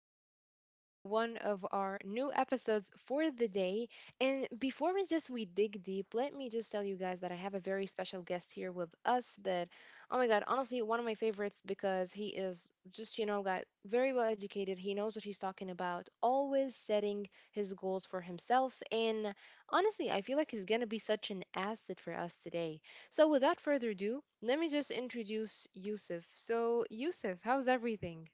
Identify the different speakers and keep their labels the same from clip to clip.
Speaker 1: welcome back to one of our new episodes for the day. And before we dig deep, let me just tell you guys that I have a very special guest here with us. That, oh my god, honestly, one of my favorites because he is just got very well educated. He knows what he's talking about. Always setting his goals for himself, and honestly, I feel like he's gonna be such an asset for us today. So without further ado, let me just introduce Yusuf. So Yusuf, how's everything?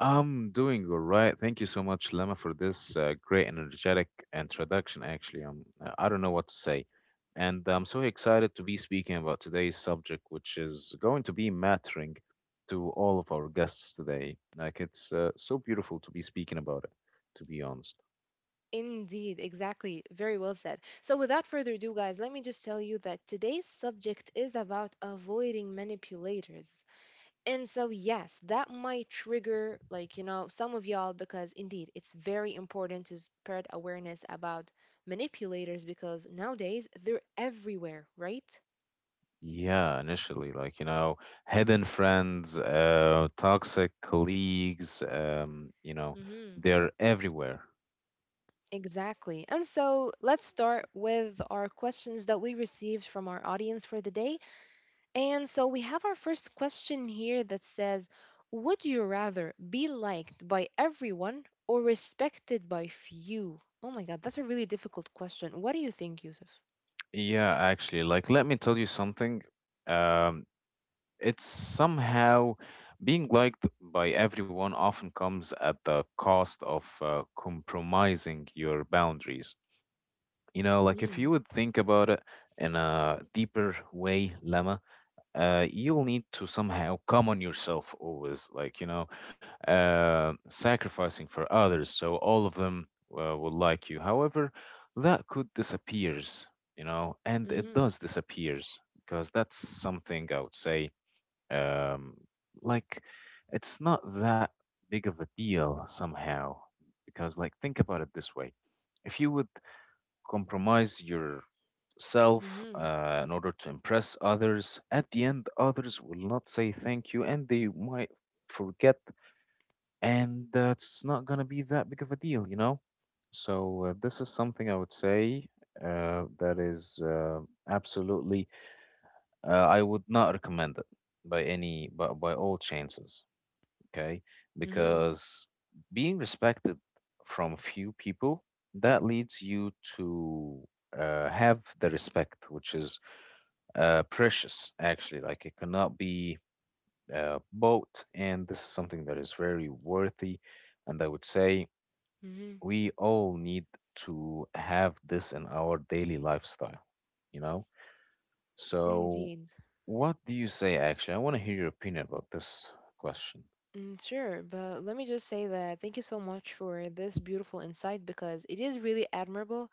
Speaker 2: I'm doing all right. Thank you so much, Lema, for this great and energetic introduction. Actually, I don't know what to say. And I'm so excited to be speaking about today's subject, which is going to be mattering to all of our guests today. Like, it's so beautiful to be speaking about it, to be honest.
Speaker 1: Indeed, exactly. Very well said. So, without further ado, guys, let me just tell you that today's subject is about avoiding manipulators. And so, yes, that might trigger, some of y'all because indeed it's very important to spread awareness about manipulators because nowadays they're everywhere, right?
Speaker 2: Yeah, initially, hidden friends, toxic colleagues,
Speaker 1: Mm-hmm.
Speaker 2: they're everywhere.
Speaker 1: Exactly. And so let's start with our questions that we received from our audience for the day. And so we have our first question here that says, would you rather be liked by everyone or respected by few? Oh my God, that's a really difficult question. What do you think, Yusuf?
Speaker 2: Yeah, actually, like let me tell you something. Um, it's somehow being liked by everyone often comes at the cost of compromising your boundaries. You know, like if you
Speaker 1: Mm,
Speaker 2: would think about it in a deeper way, Lemma, you'll need to somehow come on yourself always, sacrificing for others. So all of them will like you. However, that could disappears, you know, and it
Speaker 1: hmm
Speaker 2: does disappears because that's something I would say, um, like, it's not that big of a deal somehow because, like, think about it this way. If you would compromise your self
Speaker 1: hmm
Speaker 2: in order to impress others. At the end, others will not say thank you and they might forget, and that's not going to be that big of a deal, you know? So, this is something I would say that is absolutely, I would not recommend it by any, by all chances, okay?
Speaker 1: hmm
Speaker 2: Because being respected from few people, that leads you to have the respect, which is precious, actually. Like it cannot be bought, and this is something that is very worthy. And I would say
Speaker 1: hmm.
Speaker 2: we all need to have this in our daily lifestyle, you know? So,
Speaker 1: Indeed.
Speaker 2: what do you say, actually? I want to hear your opinion about this question.
Speaker 1: Mm. Sure, but let me just say that thank you so much for this beautiful insight because it is really admirable.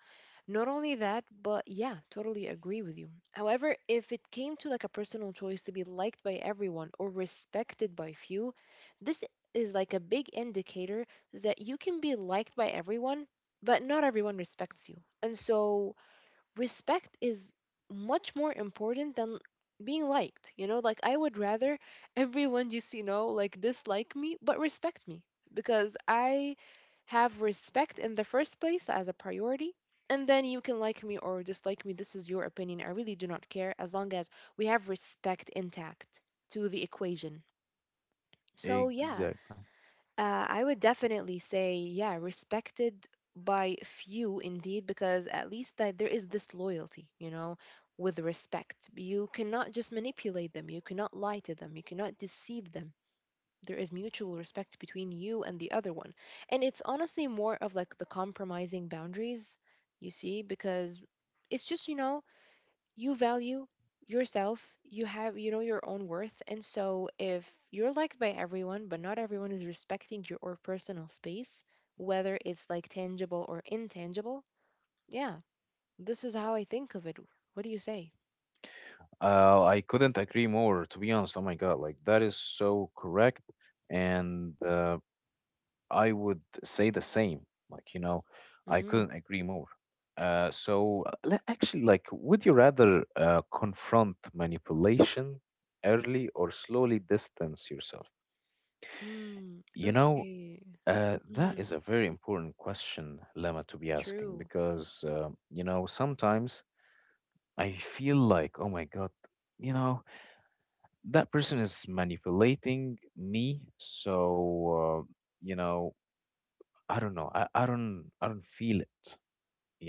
Speaker 1: Not only that, but yeah, totally agree with you. However, if it came to like a personal choice to be liked by everyone or respected by few, this is like a big indicator that you can be liked by everyone, but not everyone respects you. And so respect is much more important than being liked. Like I would rather everyone just, like dislike me, but respect me because I have respect in the first place as a priority. And then you can like me or dislike me. This is your opinion. I really do not care as long as we have respect intact to the equation. So, yeah,
Speaker 2: Exactly.
Speaker 1: I would definitely say, yeah, respected by few indeed, because at least that there is this loyalty, with respect. You cannot just manipulate them, you cannot lie to them, you cannot deceive them. There is mutual respect between you and the other one. And it's honestly more of like the compromising boundaries, you see, because it's just, you value yourself. You have your own worth. And so if you're liked by everyone but not everyone is respecting your or personal space, whether it's like tangible or intangible, yeah, this is how I think of it. What do you say?
Speaker 2: I couldn't agree more, to be honest. Oh my God, like that is so correct. And I would say the same. Like, you know, I couldn't
Speaker 1: Mm-hmm.
Speaker 2: agree more. Actually, like, would you rather confront manipulation early or slowly distance yourself?
Speaker 1: Mm,
Speaker 2: You know,
Speaker 1: okay.
Speaker 2: that
Speaker 1: Mm-hmm.
Speaker 2: is a very important question, Lama, to be asking
Speaker 1: True.
Speaker 2: because, you know, sometimes I feel like, oh my God, you know, that person is manipulating me. So, you know, I don't know. I don't feel it.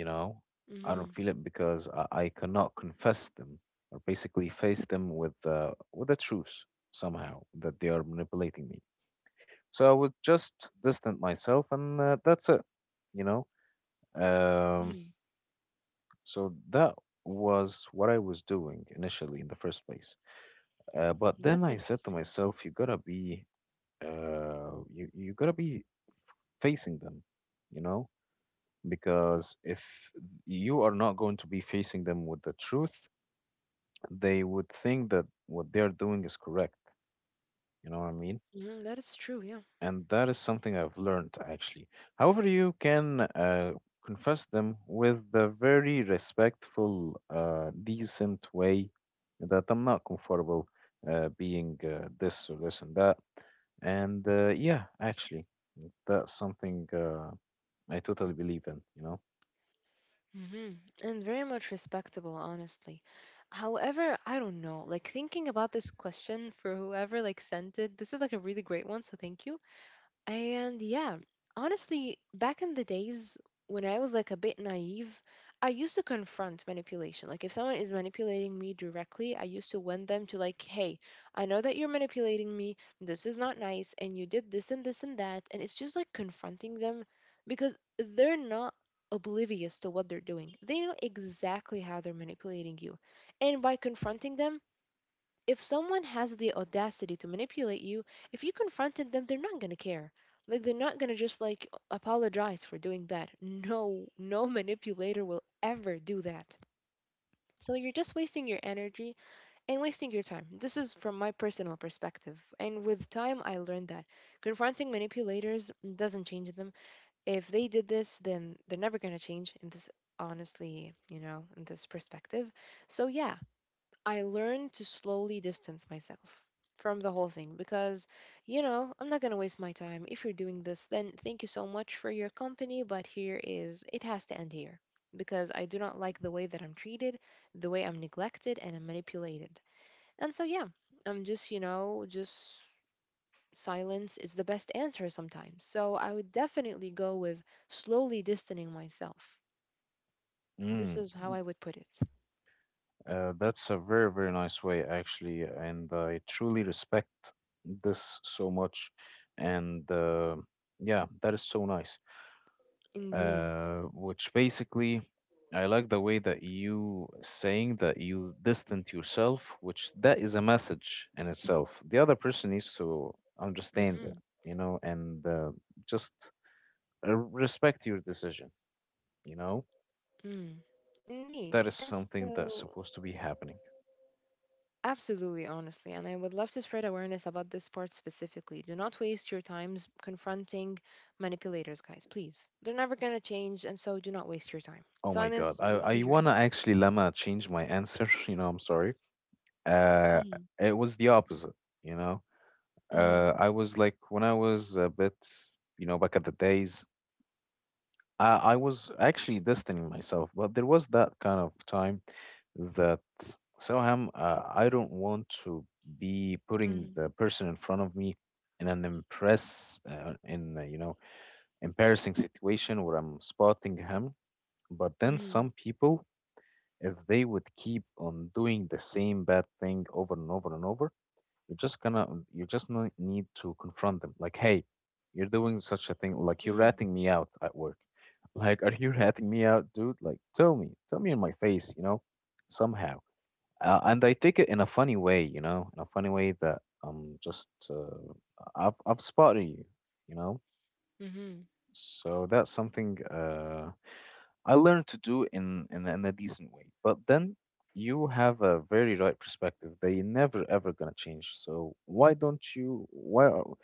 Speaker 2: You know, I
Speaker 1: Mm-hmm.
Speaker 2: don't feel it because I cannot confess them or basically face them with the truth somehow that they are manipulating me, so I would just distant myself, and that's it, you know. um,
Speaker 1: Mm.
Speaker 2: so that was what I was doing initially in the first place, but then
Speaker 1: That's
Speaker 2: I said to
Speaker 1: interesting.
Speaker 2: myself you gotta be you gotta be facing them, you know, because if you are not going to be facing them with the truth they would think that what they are doing is correct. You know what I mean?
Speaker 1: Mm-hmm. Mhm, that is true, yeah.
Speaker 2: And that is something I've learned actually. However, you can confess them with the very respectful, decent way that I'm not comfortable being this or this and that. And yeah, actually, that's something I totally believe in, you know?
Speaker 1: Mhm. And very much respectable, honestly. However, I don't know. Like thinking about this question for whoever like sent it, this is like a really great one, so thank you. And yeah, honestly, back in the days when I was like a bit naive, I used to confront manipulation. Like if someone is manipulating me directly, I used to win them to like, "Hey, I know that you're manipulating me. This is not nice and you did this and this and that." And it's just like confronting them because they're not oblivious to what they're doing. They know exactly how they're manipulating you. And by confronting them, if someone has the audacity to manipulate you, if you confronted them, they're not gonna care. Like they're not gonna just like apologize for doing that. No, no manipulator will ever do that. So you're just wasting your energy and wasting your time. This is from my personal perspective. And with time I learned that confronting manipulators doesn't change them. If they did this, then they're never gonna change in this, honestly, in this perspective. So yeah, I learned to slowly distance myself from the whole thing because, I'm not going to waste my time. If you're doing this, then thank you so much for your company, but here is it has to end here because I do not like the way that I'm treated, the way I'm neglected and I'm manipulated. And so, yeah, I'm just, just silence is the best answer sometimes. So, I would definitely go with slowly distancing myself. This
Speaker 2: Mm.
Speaker 1: is how I would put it.
Speaker 2: That's a very, very nice way, actually, and I truly respect this so much. And yeah, that is so nice.
Speaker 1: Indeed.
Speaker 2: Which basically, I like the way that you saying that you distant yourself, which that is a message in itself. The other person needs to understands it, you know, and just respect your decision, you know.
Speaker 1: Mm, indeed.
Speaker 2: That is
Speaker 1: And
Speaker 2: something that's
Speaker 1: so,
Speaker 2: supposed to be happening.
Speaker 1: absolutely, honestly, and I would love to spread awareness about this part specifically. Do not waste your times confronting manipulators, guys, please. They're never going to change, and so do not waste your time.
Speaker 2: Oh my God.
Speaker 1: Silence would be
Speaker 2: I
Speaker 1: your
Speaker 2: wanna
Speaker 1: answer.
Speaker 2: actually, Lama, change my answer. You know, I'm sorry. Uh,
Speaker 1: Mm-hmm,
Speaker 2: it was the opposite, you know.
Speaker 1: hmm
Speaker 2: I was like, when I was a bit, you know, back at the days, I was actually distancing myself, but there was that kind of time that somehow I don't want to be putting the person in front of me in an impress, you know, embarrassing situation where I'm spotting him. But then
Speaker 1: hmm
Speaker 2: some people, if they would keep on doing the same bad thing over and over and over, you're just gonna, you just need to confront them. Like, hey, you're doing such a thing. Like, you're
Speaker 1: hmm
Speaker 2: ratting me out at work. Like, are you ratting me out, dude? Like, tell me in my face, you know, somehow. And I take it in a funny way, you know, in a funny way that just I've spotted you, you know.
Speaker 1: hmm.
Speaker 2: So that's something I learned to do in a decent way. But then you have a very right perspective. They never ever gonna change. So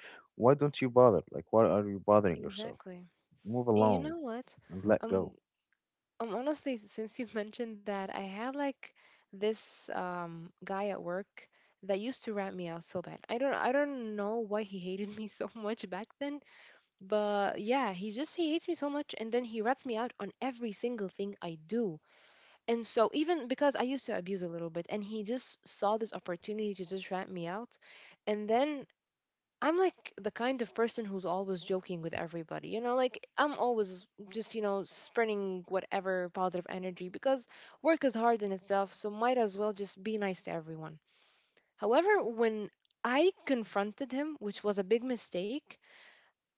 Speaker 2: why don't you bother? Like why are you bothering yourself?
Speaker 1: Exactly.
Speaker 2: Move
Speaker 1: And you
Speaker 2: along
Speaker 1: know what?
Speaker 2: and let go.
Speaker 1: Um. Honestly, since you mentioned that, I had like this guy at work that used to rat me out so bad. I don't know why he hated me so much back then, but yeah, he hates me so much and then he rats me out on every single thing I do. And so even because I used to abuse a little bit and he just saw this opportunity to just rat me out. And then I'm like the kind of person who's always joking with everybody. You know, like I'm always just, spreading whatever positive energy because work is hard in itself, so might as well just be nice to everyone. However, when I confronted him, which was a big mistake,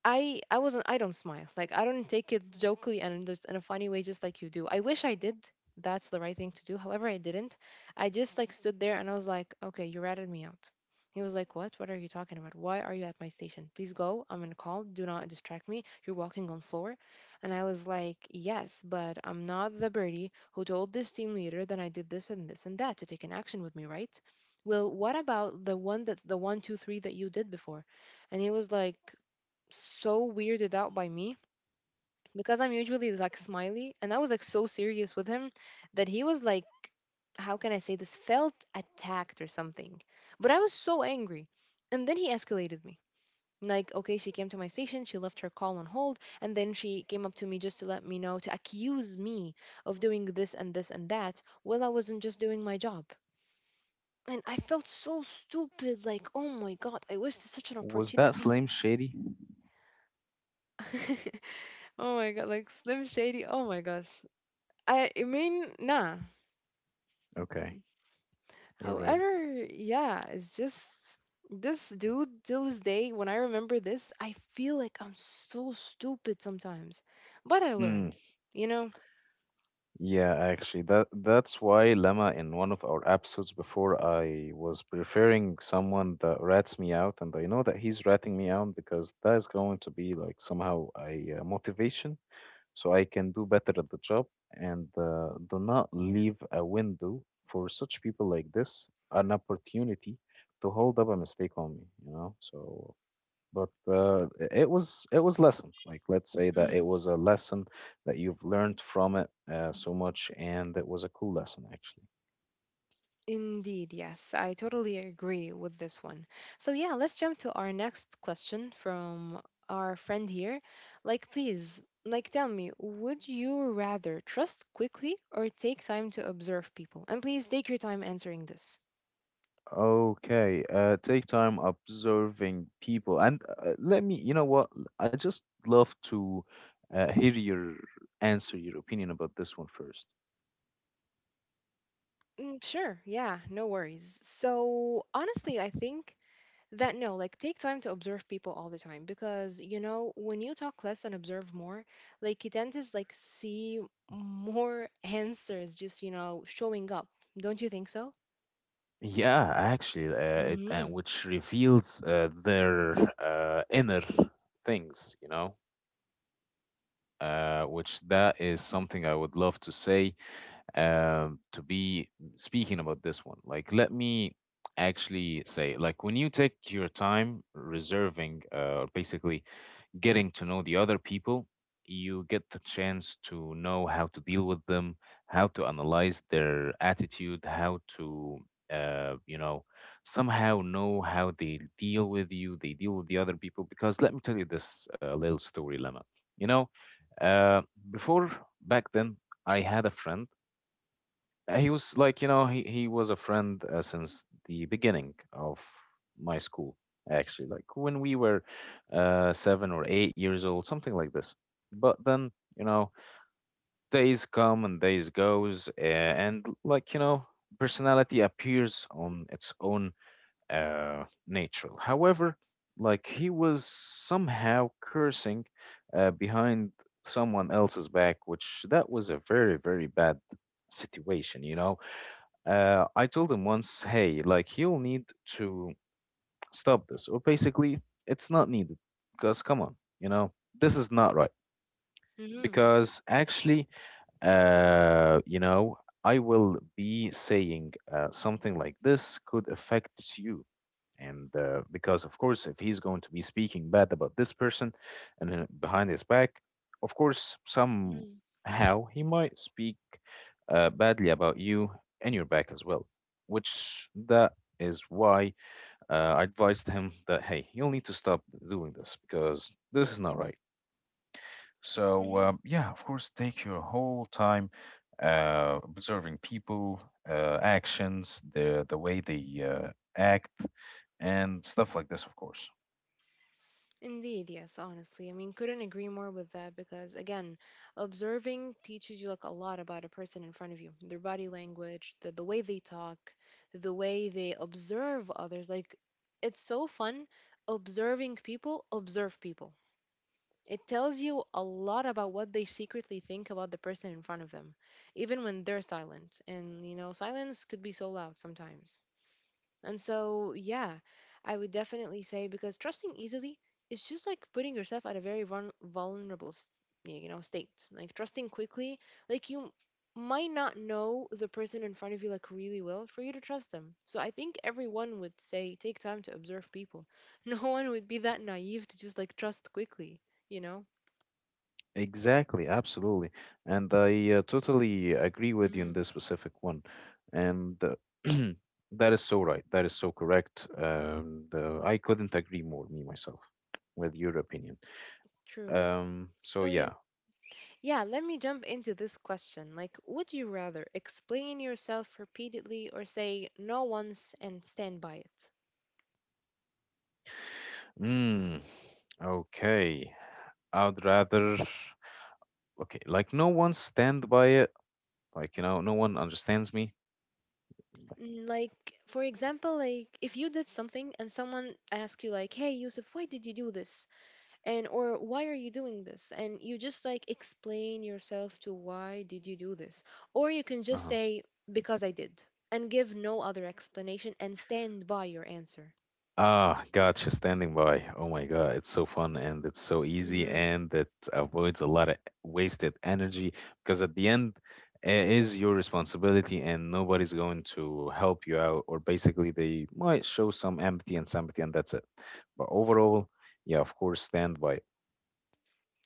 Speaker 1: I don't smile. Like I don't take it jokingly and just in a funny way just like you do. I wish I did. That's the right thing to do. However, I didn't. I just like stood there and I was like, "Okay, you ratted me out." He was like, "What? What are you talking about? Why are you at my station? Please go. I'm on a call. Do not distract me. You're walking on floor." And I was like, "Yes, but I'm not the birdie who told this team leader that I did this and this and that to take an action with me, right? Well, what about the one that two, three that you did before?" And he was like, so weirded out by me because I'm usually like smiley and I was like so serious with him that he was like, how can I say this, felt attacked or something. But I was so angry. And then he escalated me. Like, okay, she came to my station, she left her call on hold, and then she came up to me just to let me know, to accuse me of doing this and this and that while I wasn't just doing my job. And I felt so stupid, like, oh my god, I wasted such an
Speaker 2: Was that
Speaker 1: opportunity.
Speaker 2: Slim Shady?
Speaker 1: Oh my god, like Slim Shady. Oh my gosh. I mean, nah.
Speaker 2: Okay, alrighty.
Speaker 1: However, yeah, it's just this dude till this day. When I remember this, I feel like I'm so stupid sometimes, but I learned,
Speaker 2: Mm.
Speaker 1: you know.
Speaker 2: Yeah, actually, that's why Lama in one of our episodes before I was preferring someone that rats me out, and I know that he's ratting me out because that is going to be like somehow a motivation, so I can do better at the job. And do not leave a window for such people like this an opportunity to hold up a mistake on me, you know. So but it was lesson, like let's say that it was a lesson that you've learned from it so much, and it was a cool lesson actually.
Speaker 1: Indeed, yes, I totally agree with this one. So, yeah, let's jump to our next question from our friend here. Like, please, like, tell me, would you rather trust quickly or take time to observe people? And please take your time answering this.
Speaker 2: Okay, take time observing people, and let me you know what I just love to hear your answer, your opinion about this one first.
Speaker 1: Mm, sure, yeah, no worries. So, honestly, I think that no like take time to observe people all the time because when you talk less and observe more, like you tend to like see more answers just showing up. Don't you think so?
Speaker 2: Yeah, actually, it
Speaker 1: Mm-hmm.
Speaker 2: and which reveals their inner things, you know, which that is something I would love to say, to be speaking about this one. Like, let me actually say, like, when you take your time reserving, basically getting to know the other people, you get the chance to know how to deal with them, how to analyze their attitude, how to, uh, you know, somehow know how they deal with you, they deal with the other people. Because let me tell you this little story, Lemma. You know, uh, before, back then, I had a friend. He was like, you know, he was a friend since the beginning of my school, actually, like when we were 7 or 8 years old, something like this. But then, you know, days come and days goes, and like, you know, personality appears on its own natural. However, like he was somehow cursing behind someone else's back, which that was a very, very bad situation, you know? I told him once, hey, like you'll need to stop this, or basically, it's not needed. Because come on, you know, this is not right.
Speaker 1: Mm-hmm.
Speaker 2: Because actually, you know, I will be saying something like this could affect you, and because of course if he's going to be speaking bad about this person and then behind his back, of course somehow he might speak badly about you and your back as well, which that is why I advised him that hey you'll need to stop doing this because this is not right. So,
Speaker 1: Mm-hmm.
Speaker 2: yeah, of course, take your whole time observing people, actions, the way they act, and stuff like this, of course.
Speaker 1: Indeed, yes, honestly. I mean, couldn't agree more with that because, again, observing teaches you like a lot about a person in front of you, their body language, the way they talk, the way they observe others. Like, it's so fun observing people, observe people. It tells you a lot about what they secretly think about the person in front of them, even when they're silent. And, silence could be so loud sometimes. And so, yeah, I would definitely say because trusting easily is just like putting yourself at a very vulnerable, state. Like trusting quickly, like you might not know the person in front of you like really well for you to trust them. So I think everyone would say take time to observe people. No one would be that naive to just like trust quickly, you know?
Speaker 2: Exactly, absolutely. And I totally agree with you in
Speaker 1: Hmm.
Speaker 2: this specific one. And that is so right. That is so correct. And I couldn't agree more, me myself, with your opinion.
Speaker 1: True.
Speaker 2: So,
Speaker 1: So you.
Speaker 2: yeah.
Speaker 1: Yeah, let me jump into this question. Like, would you rather explain yourself repeatedly or say no once and stand by it?
Speaker 2: Mm, okay. I'd rather, okay, like no one stand by it. Like, you know, no one understands me.
Speaker 1: Mm, like, for example, like if you did something and someone asked you like, "Hey, Yusuf, why did you do this?" and or "Why are you doing this?" and you just like explain yourself to why did you do this? Or you can just
Speaker 2: Uh-huh.
Speaker 1: say because I did and give no other explanation and stand by your answer.
Speaker 2: Ah, gotcha, standing by. Oh my God, it's so fun and it's so easy
Speaker 1: Mm-hmm.
Speaker 2: and it avoids a lot of wasted energy because at the end, it is your responsibility and nobody's going to help you out, or basically, they might show some empathy and sympathy, and that's it. But overall, yeah, of course, standby.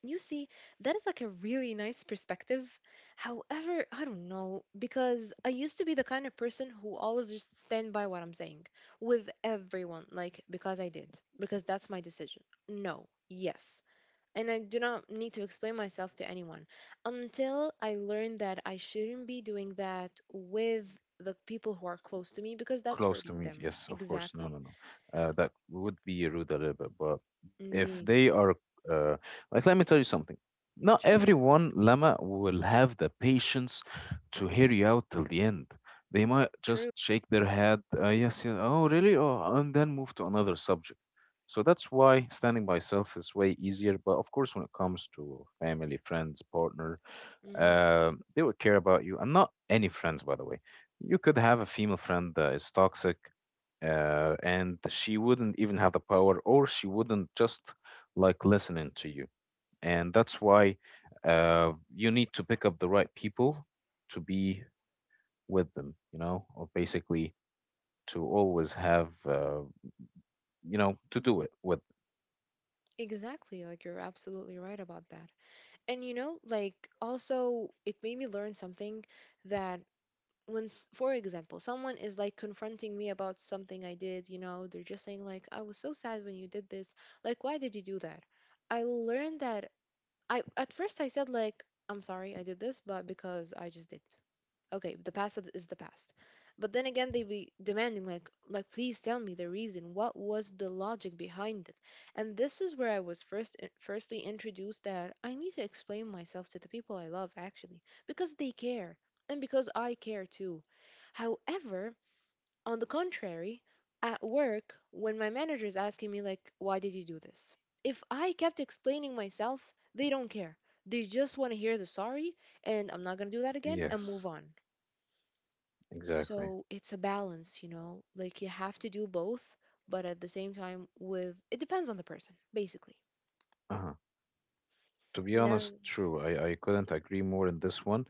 Speaker 1: You see, that is like a really nice perspective. However, I don't know, because I used to be the kind of person who always just stand by what I'm saying with everyone, like, because I did, because that's my decision. No, yes. And I do not need to explain myself to anyone until I learned that I shouldn't be doing that with the people who are close to me because that's
Speaker 2: Close to
Speaker 1: hurting
Speaker 2: me.
Speaker 1: them.
Speaker 2: Yes, of course. No, no,
Speaker 1: Exactly.
Speaker 2: no. That would be rude a little bit. But if
Speaker 1: Indeed.
Speaker 2: they are, uh, like, let me tell you something. Not
Speaker 1: Sure.
Speaker 2: everyone, Lama, will have the patience to hear you out till the end. They might
Speaker 1: True.
Speaker 2: just shake their head, yes, yes, oh, really? Oh, and then move to another subject. So that's why standing by self is way easier. But of course, when it comes to family, friends, partner,
Speaker 1: Mm,
Speaker 2: they would care about you, and not any friends, by the way. You could have a female friend that is toxic, and she wouldn't even have the power, or she wouldn't just like listening to you. And that's why you need to pick up the right people to be with them, you know, or basically to always have, to do it with.
Speaker 1: exactly. Like, you're absolutely right about that. And you know, like, also it made me learn something that when for example someone is like confronting me about something I did, you know, they're just saying like, I was so sad when you did this. Like, why did you do that? I learned that I at first I said like, I'm sorry I did this, but because I just did. Okay, the past is the past. But then again, they be demanding like, please tell me the reason, what was the logic behind it. And this is where I was first firstly introduced that I need to explain myself to the people I love, actually, because they care, and because I care too. However, on the contrary, at work when my manager is asking me like, why did you do this? If I kept explaining myself, they don't care. They just want to hear the sorry and I'm not going to do that again and move
Speaker 2: Yes,
Speaker 1: on.
Speaker 2: exactly.
Speaker 1: So it's a balance, you know? Like you have to do both, but at the same time with it depends on the person, basically.
Speaker 2: Uh-huh. To be
Speaker 1: That,
Speaker 2: honest, true. I couldn't agree more in this one.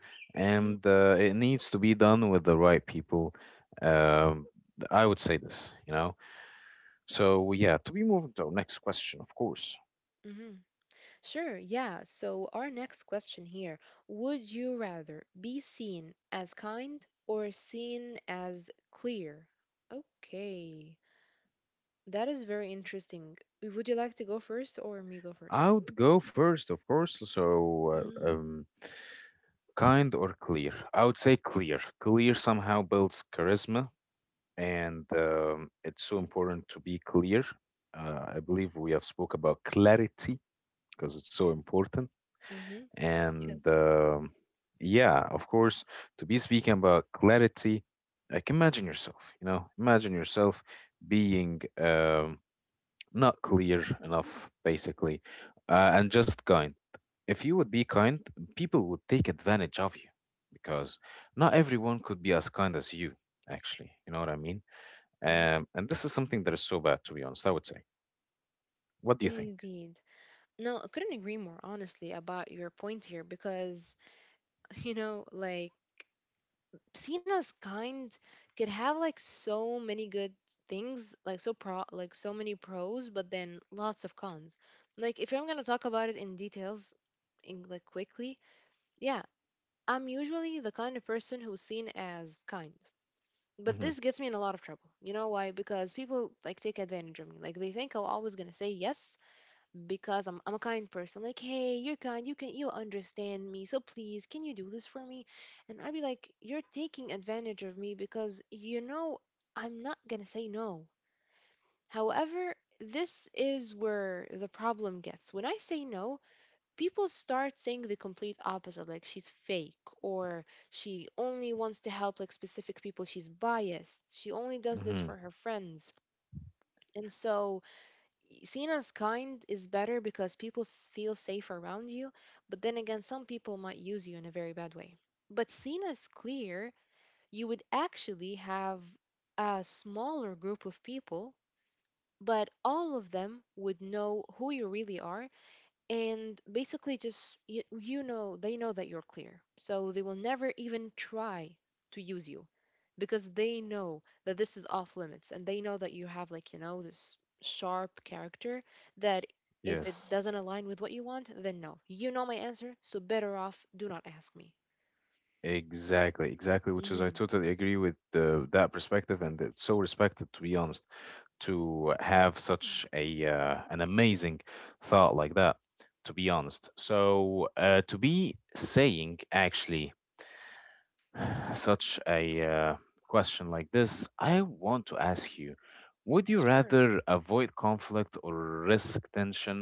Speaker 1: hmm.
Speaker 2: And it needs to be done with the right people. Um, I would say this, you know. So, yeah, to be moving to our next question, of course.
Speaker 1: Hmm. Sure, yeah. So our next question here, would you rather be seen as kind or seen as clear? Okay. That is very interesting. Would you like to go first, or me go
Speaker 2: I
Speaker 1: first?
Speaker 2: would go first, of course. So,
Speaker 1: Mm-hmm.
Speaker 2: kind or clear? I would say clear. Clear somehow builds charisma, and it's so important to be clear. I believe we have spoke about clarity because it's so important.
Speaker 1: Mm-hmm. Yes.
Speaker 2: And yeah, of course, to be speaking about clarity, like imagine yourself. You know, imagine yourself being not clear enough, basically, and just kind. If you would be kind, people would take advantage of you because not everyone could be as kind as you, actually. You know what I mean?
Speaker 1: Mm-hmm.
Speaker 2: And this is something that is so bad, to be honest, I would say. What do you think?
Speaker 1: Indeed. No, I couldn't agree more honestly about your point here because, you know, like, Cena's kind could have like so many good things, like so pro, like so many pros, but then lots of cons. Like if I'm gonna talk about it in details, in like quickly, yeah, I'm usually the kind of person who's seen as kind. But
Speaker 2: Hmm
Speaker 1: this gets me in a lot of trouble. You know why? Because people like take advantage of me. Like they think I'm always gonna say yes because I'm a kind person. Like, hey, you're kind, you can, you understand me, so please, can you do this for me? And I'd be like, you're taking advantage of me because you know I'm not gonna say no. However, this is where the problem gets. When I say no, people start saying the complete opposite, like she's fake, or she only wants to help like specific people, she's biased, she only does this for
Speaker 2: hmm
Speaker 1: her friends. And so seen as kind is better because people feel safe around you, but then again, some people might use you in a very bad way. But seen as clear, you would actually have a smaller group of people, but all of them would know who you really are, and basically just you, you know, they know that you're clear so they will never even try to use you because they know that this is off limits, and they know that you have like, you know, this sharp character that if it
Speaker 2: Yes,
Speaker 1: doesn't align with what you want, then no, you know my answer, so better off do not ask me.
Speaker 2: exactly, exactly. Which is, I
Speaker 1: Mm-hmm.
Speaker 2: totally agree with that perspective, and it's so respected, to be honest. To have such a an amazing thought like that, to be honest. So to be saying actually such a question like this, I want to ask you, would you
Speaker 1: Sure.
Speaker 2: rather avoid conflict or risk tension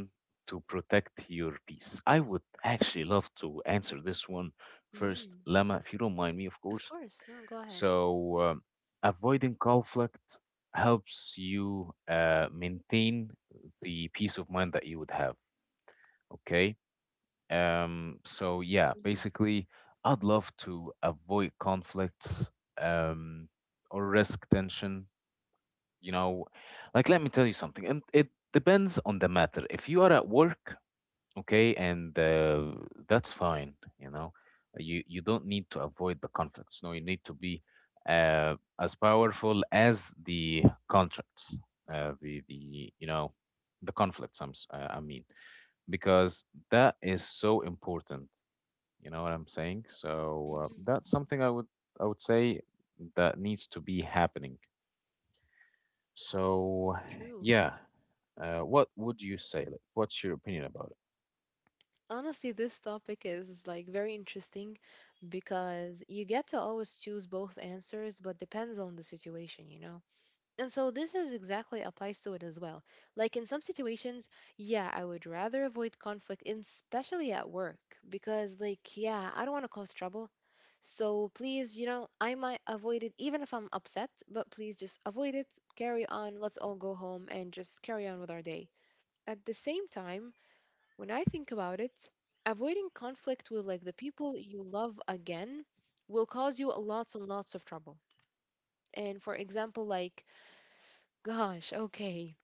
Speaker 2: to protect your peace? I would actually love to answer this one first,
Speaker 1: Mm-hmm.
Speaker 2: Lama, if you don't mind me, of
Speaker 1: Of
Speaker 2: course.
Speaker 1: course, no, go ahead.
Speaker 2: So, avoiding conflict helps you maintain the peace of mind that you would have. Okay. So, yeah,
Speaker 1: Mm-hmm.
Speaker 2: basically, I'd love to avoid conflicts, um, or risk tension. You know, like, let me tell you something, and it depends on the matter. If you are at work, okay, and that's fine, you know. You don't need to avoid the conflicts. No, you need to be uh, as powerful as the contracts, the you know, the conflicts I'm, I mean, because that is so important. You know what I'm saying? So
Speaker 1: Mm-hmm.
Speaker 2: that's something I would, I would say that needs to be happening. So
Speaker 1: True.
Speaker 2: yeah. What would you say, like, what's your opinion about it?
Speaker 1: Honestly, this topic is like very interesting because you get to always choose both answers, but depends on the situation, you know? And so this is exactly applies to it as well. Like in some situations, yeah, I would rather avoid conflict, and especially at work, because like, yeah, I don't want to cause trouble. So please, you know, I might avoid it even if I'm upset, but please just avoid it, carry on, let's all go home and just carry on with our day. At the same time, when I think about it, avoiding conflict with like the people you love again will cause you lots and lots of trouble. And for example, like, gosh, okay.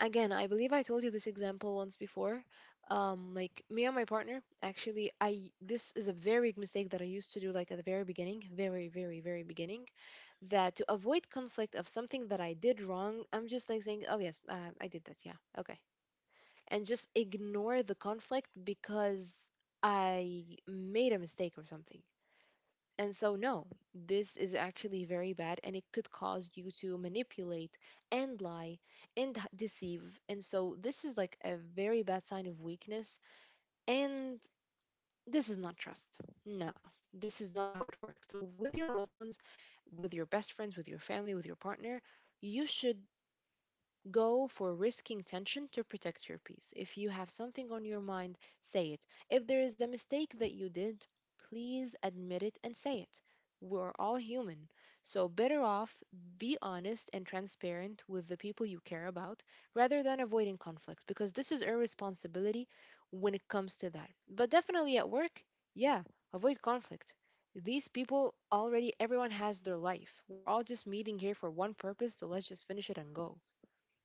Speaker 1: Again, I believe I told you this example once before. Like me and my partner, actually, I, this is a very big mistake that I used to do like at the very beginning, very, very, very beginning, that to avoid conflict of something that I did wrong, I'm just like saying, oh yes, I did that, yeah, okay, and just ignore the conflict because I made a mistake or something. And so, no, this is actually very bad and it could cause you to manipulate and lie and deceive. And so, this is like a very bad sign of weakness. And this is not trust. No, this is not how it works. So, with your loved ones, with your best friends, with your family, with your partner, you should go for risking tension to protect your peace. If you have something on your mind, say it. If there is a mistake that you did, please admit it and say it. We're all human. So, better off be honest and transparent with the people you care about rather than avoiding conflict because this is irresponsibility when it comes to that. But definitely at work, yeah, avoid conflict. These people already, everyone has their life, we're all just meeting here for one purpose, so let's just finish it and go.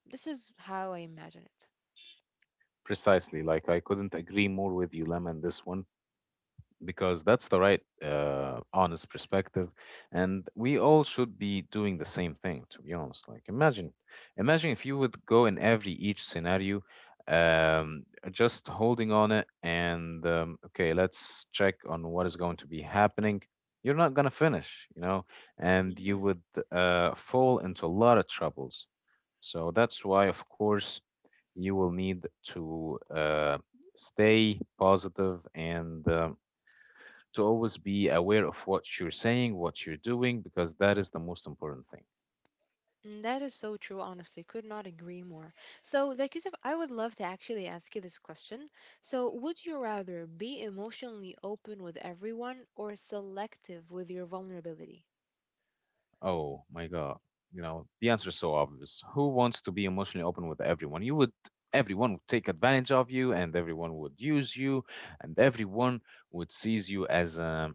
Speaker 1: This is how I imagine it.
Speaker 2: Precisely. Like I couldn't agree more with you, Lem, in this one because that's the right honest perspective, and we all should be doing the same thing, to be honest. Like imagine, imagine if you would go in every each scenario, um, just holding on it and okay, let's check on what is going to be happening. You're not going to finish, you know, and you
Speaker 1: Mhm.
Speaker 2: would fall into a lot of troubles. So that's why, of course, you will need to stay positive and to always be aware of what you're saying, what you're doing, because that is the most important thing.
Speaker 1: Mm, that is so true, honestly. Could not agree more. So, like, Yusuf, I would love to actually ask you this question. So, would you rather be emotionally open with everyone or selective with your vulnerability?
Speaker 2: Oh my God. You know, the answer is so obvious. Who wants to be emotionally open with everyone? You would, everyone would take advantage of you, and everyone would use you, and everyone would sees you as a,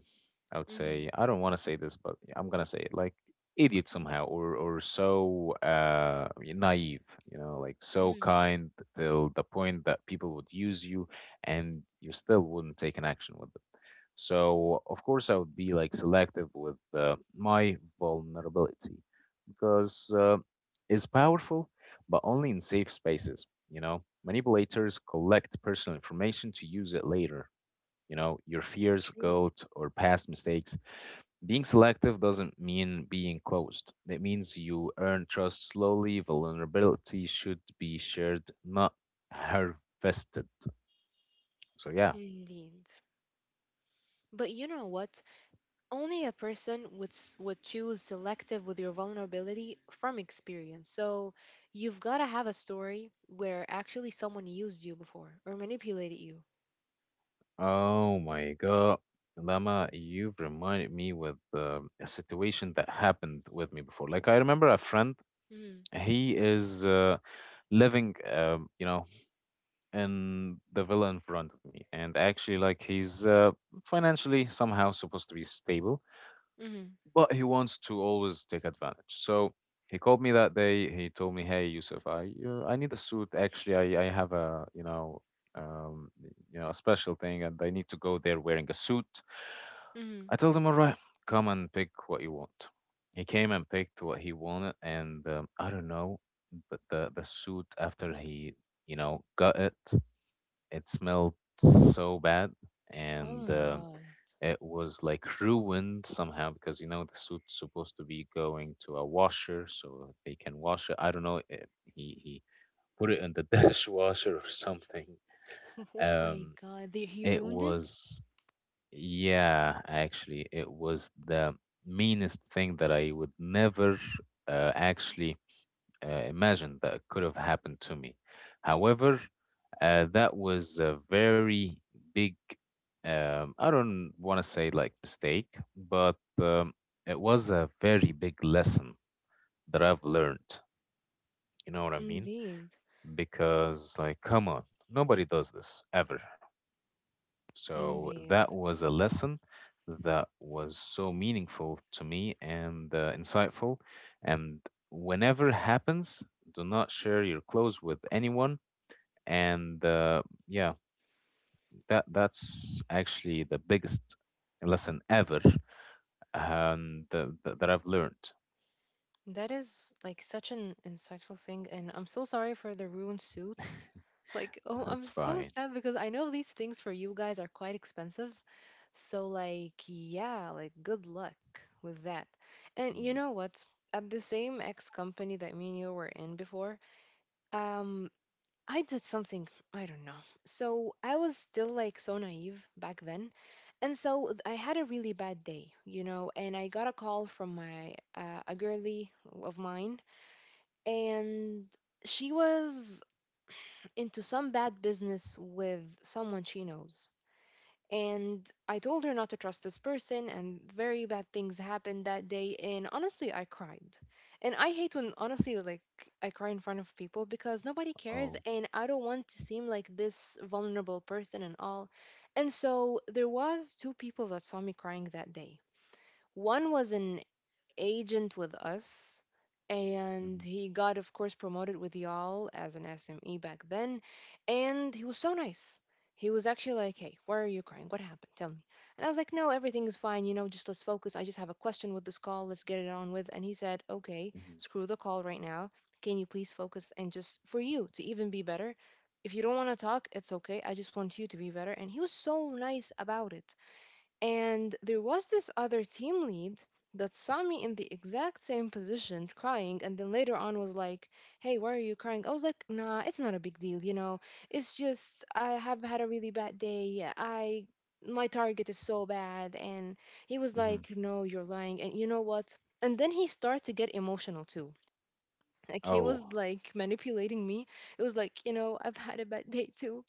Speaker 2: I would
Speaker 1: Hmm.
Speaker 2: say, I don't want to say this, but I'm gonna say it like idiot somehow, or so naive. You know, like so
Speaker 1: Hmm.
Speaker 2: kind till the point that people would use you, and you still wouldn't take an action with it. So, of course, I would be like selective with my vulnerability because it's powerful, but only in safe spaces. You know, manipulators collect personal information to use it later. You know, your fears,
Speaker 1: True.
Speaker 2: guilt, or past mistakes. Being selective doesn't mean being closed. It means you earn trust slowly. Vulnerability should be shared, not harvested. So, yeah.
Speaker 1: Indeed. But you know what? Only a person would would choose selective with your vulnerability from experience. So, you've got to have a story where actually someone used you before or manipulated you.
Speaker 2: Oh my God. Lama, you've reminded me with a situation that happened with me before. Like I remember a friend,
Speaker 1: Mm,
Speaker 2: he is living, you know, in the villa in front of me, and actually, like he's financially somehow supposed to be stable,
Speaker 1: mm,
Speaker 2: but he wants to always take advantage. So he called me that day. He told me, "Hey, Yusuf, I need a suit. Actually, I have a, you know, um a special thing, and I need to go there wearing a suit."
Speaker 1: mm.
Speaker 2: I told him, "All right, come and pick what you want." He came and picked what he wanted, and I don't know, but the suit after he, you know, got it, it smelled so bad,
Speaker 1: Oh
Speaker 2: and
Speaker 1: my god.
Speaker 2: it was like ruined somehow because you know the suit's supposed to be going to a washer so they can wash it. I don't know. It, he put it in the dishwasher or something.
Speaker 1: Oh my
Speaker 2: Um,
Speaker 1: god. They, he
Speaker 2: it
Speaker 1: ruined it?
Speaker 2: was, yeah, actually, it was the meanest thing that I would never actually imagined that could have happened to me. However, that was a very big, I don't want to say like mistake, but it was a very big lesson that I've learned. You know what I mean?
Speaker 1: Indeed.
Speaker 2: Because, like, come on, nobody does this ever. So that
Speaker 1: Indeed.
Speaker 2: was a lesson that was so meaningful to me and insightful. And whenever it happens, do not share your clothes with anyone, and yeah, that that's actually the biggest lesson ever, and that I've learned.
Speaker 1: That is like such an insightful thing. And I'm so sorry for the ruined suit. Like, oh, I'm
Speaker 2: That's
Speaker 1: so
Speaker 2: fine.
Speaker 1: sad because I know these things for you guys are quite expensive. So, like, yeah, like, good luck with that. And you
Speaker 2: Mm.
Speaker 1: know what? At the same ex company that me and you were in before, um, I did something, I don't know. So I was still like so naive back then. And so I had a really bad day, you know, and I got a call from my a girly of mine, and she was into some bad business with someone she knows. And I told her not to trust this person, and very bad things happened that day. And honestly, I cried. And I hate when, honestly, like, I cry in front of people because nobody cares,
Speaker 2: Oh.
Speaker 1: and I don't want to seem like this vulnerable person and all. And so there was two people that saw me crying that day. One was an agent with us, and
Speaker 2: Mm-hmm,
Speaker 1: he got of course promoted with y'all as an SME back then, and he was so nice. He was actually like, "Hey, why are you crying? What happened? Tell me." And I was like, "No, everything is fine. You know, just let's focus. I just have a question with this call. Let's get it on with." And he said, "Okay,
Speaker 2: mm-hmm,
Speaker 1: screw the call right now. Can you please focus, and just for you to even be better? If you don't want to talk, it's okay. I just want you to be better." And he was so nice about it. And there was this other team lead that saw me in the exact same position crying, and then later on was like, hey, why are you crying? I was like, nah, it's not a big deal, you know. It's just I have had a really bad day. I, my target is so bad, and he was like, no, you're lying, and you know what? And then he started to get emotional too. Like
Speaker 2: mm-hmm.
Speaker 1: he
Speaker 2: Oh.
Speaker 1: was like manipulating me. It was like, you know, I've had a bad day too,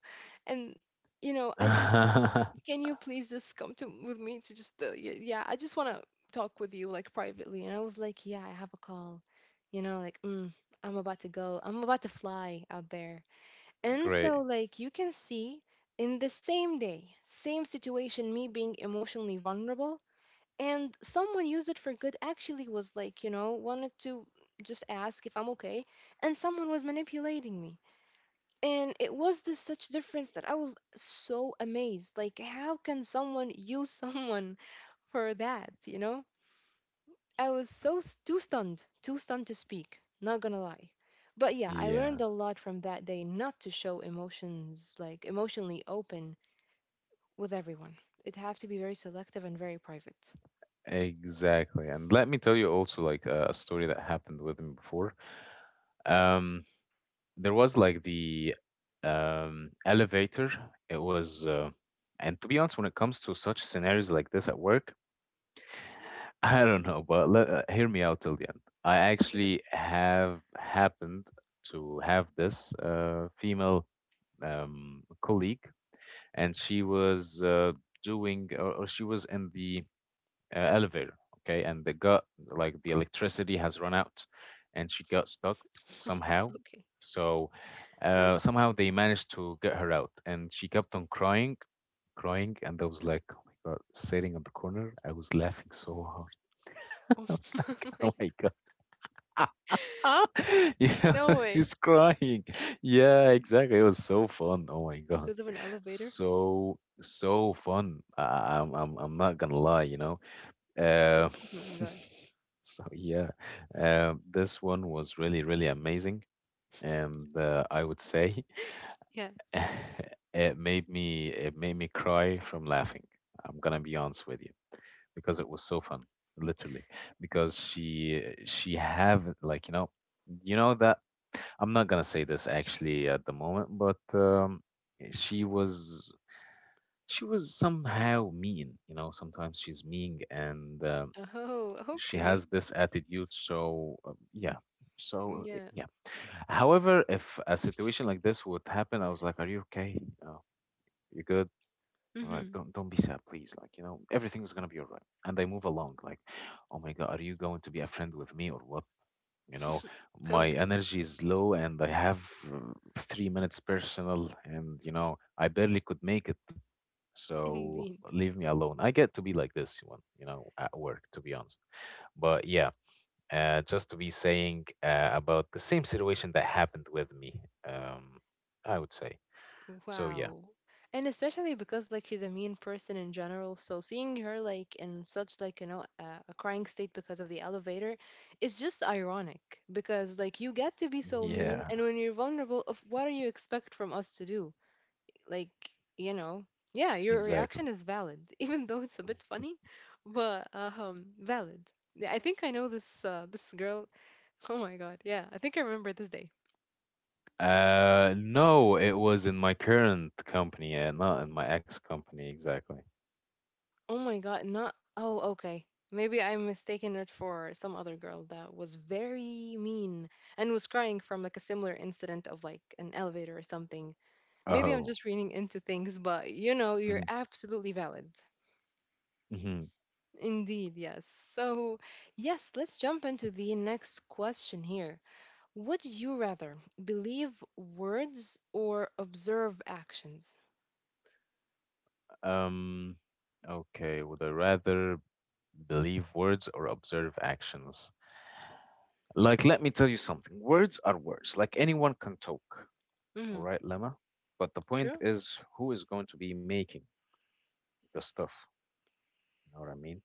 Speaker 1: and you know, I just, can you please just come to with me to just the yeah, I just want to talk with you like privately. And I was like, yeah, I have a call, you know, like, mm, I'm about to go, I'm about to fly out there. And
Speaker 2: Great.
Speaker 1: so like you can see, in the same day, same situation, me being emotionally vulnerable, and someone used it for good, actually, was like, you know, wanted to just ask if I'm okay, and someone was manipulating me. And it was this such difference that I was so amazed. Like, how can someone use someone for that? You know, I was so too stunned to speak. Not gonna lie, but yeah, I
Speaker 2: Yeah,
Speaker 1: learned a lot from that day not to show emotions like emotionally open with everyone. It have to be very selective and very private.
Speaker 2: exactly. And let me tell you also, like, a story that happened with me before. um there was like the elevator. It was and to be honest, when it comes to such scenarios like this at work, I don't know, but let, hear me out till the end. I
Speaker 1: Sure.
Speaker 2: actually have happened to have this female colleague, and she was doing, or she was in the elevator, okay, and the got like the electricity has run out, and she got stuck somehow.
Speaker 1: Okay,
Speaker 2: So
Speaker 1: okay.
Speaker 2: somehow they managed to get her out, and she kept on crying, crying, and I was like, oh my god, sitting on the corner, I was laughing so hard. I
Speaker 1: Oh
Speaker 2: was like,
Speaker 1: my
Speaker 2: "Oh my god."
Speaker 1: god.
Speaker 2: Yeah,
Speaker 1: No way.
Speaker 2: she's crying. Yeah, exactly. It was so fun. Oh my god.
Speaker 1: Because of an elevator.
Speaker 2: So so fun. I- am I'm not gonna lie, you know. Uh,
Speaker 1: Oh my god.
Speaker 2: so yeah. This one was really really amazing, and I would say
Speaker 1: Yeah.
Speaker 2: it made me cry from laughing. I'm gonna be honest with you because it was so fun, literally. Because she have like, you know, you know that I'm not gonna say this actually at the moment, but she was, she was somehow mean. You know, sometimes she's mean and
Speaker 1: Oh,
Speaker 2: she
Speaker 1: okay.
Speaker 2: has this attitude. So yeah. So
Speaker 1: Yeah.
Speaker 2: yeah. However, if a situation like this would happen, I was like, "Are you okay? Uh, you good? All right.
Speaker 1: Hmm.
Speaker 2: Don't be sad, please. Like, you know, everything's gonna be all right." And they move along, like, oh my God, are you going to be a friend with me or what? You know, my
Speaker 1: Okay,
Speaker 2: energy is low and I have uh, 3 minutes personal and, you know, I barely could make it. So
Speaker 1: indeed.
Speaker 2: leave me alone. I get to be like this one, you know, at work, to be honest. But yeah, just to be saying about the same situation that happened with me, um, I would say. So yeah.
Speaker 1: Wow. And especially because like she's a mean person in general, so seeing her like in such like you know a crying state because of the elevator is just ironic because like you get to be so mean
Speaker 2: Yeah.
Speaker 1: and when you're vulnerable, of what do you expect from us to do? Like, you know, yeah, your
Speaker 2: Exactly.
Speaker 1: reaction is valid even though it's a bit funny, but valid. Yeah, I think I know this girl. Oh my God. Yeah, I think I remember this day.
Speaker 2: No, it was in my current company, yeah, not in my ex company exactly.
Speaker 1: Oh my god, not oh okay. Maybe I mistaken it for some other girl that was very mean and was crying from like a similar incident of like an elevator or something. Maybe I'm
Speaker 2: Oh.
Speaker 1: just reading into things, but you know, you're
Speaker 2: Mhm,
Speaker 1: absolutely valid.
Speaker 2: mhm.
Speaker 1: Indeed, yes. So, yes, let's jump into the next question here. Would you rather believe words or observe actions?
Speaker 2: Um, okay, would I rather believe words or observe actions? Like, let me tell you something. Words are words. Like anyone can talk, all
Speaker 1: Mm.
Speaker 2: right, Lemma? But the point
Speaker 1: True?
Speaker 2: is who is going to be making the stuff, you know what I mean?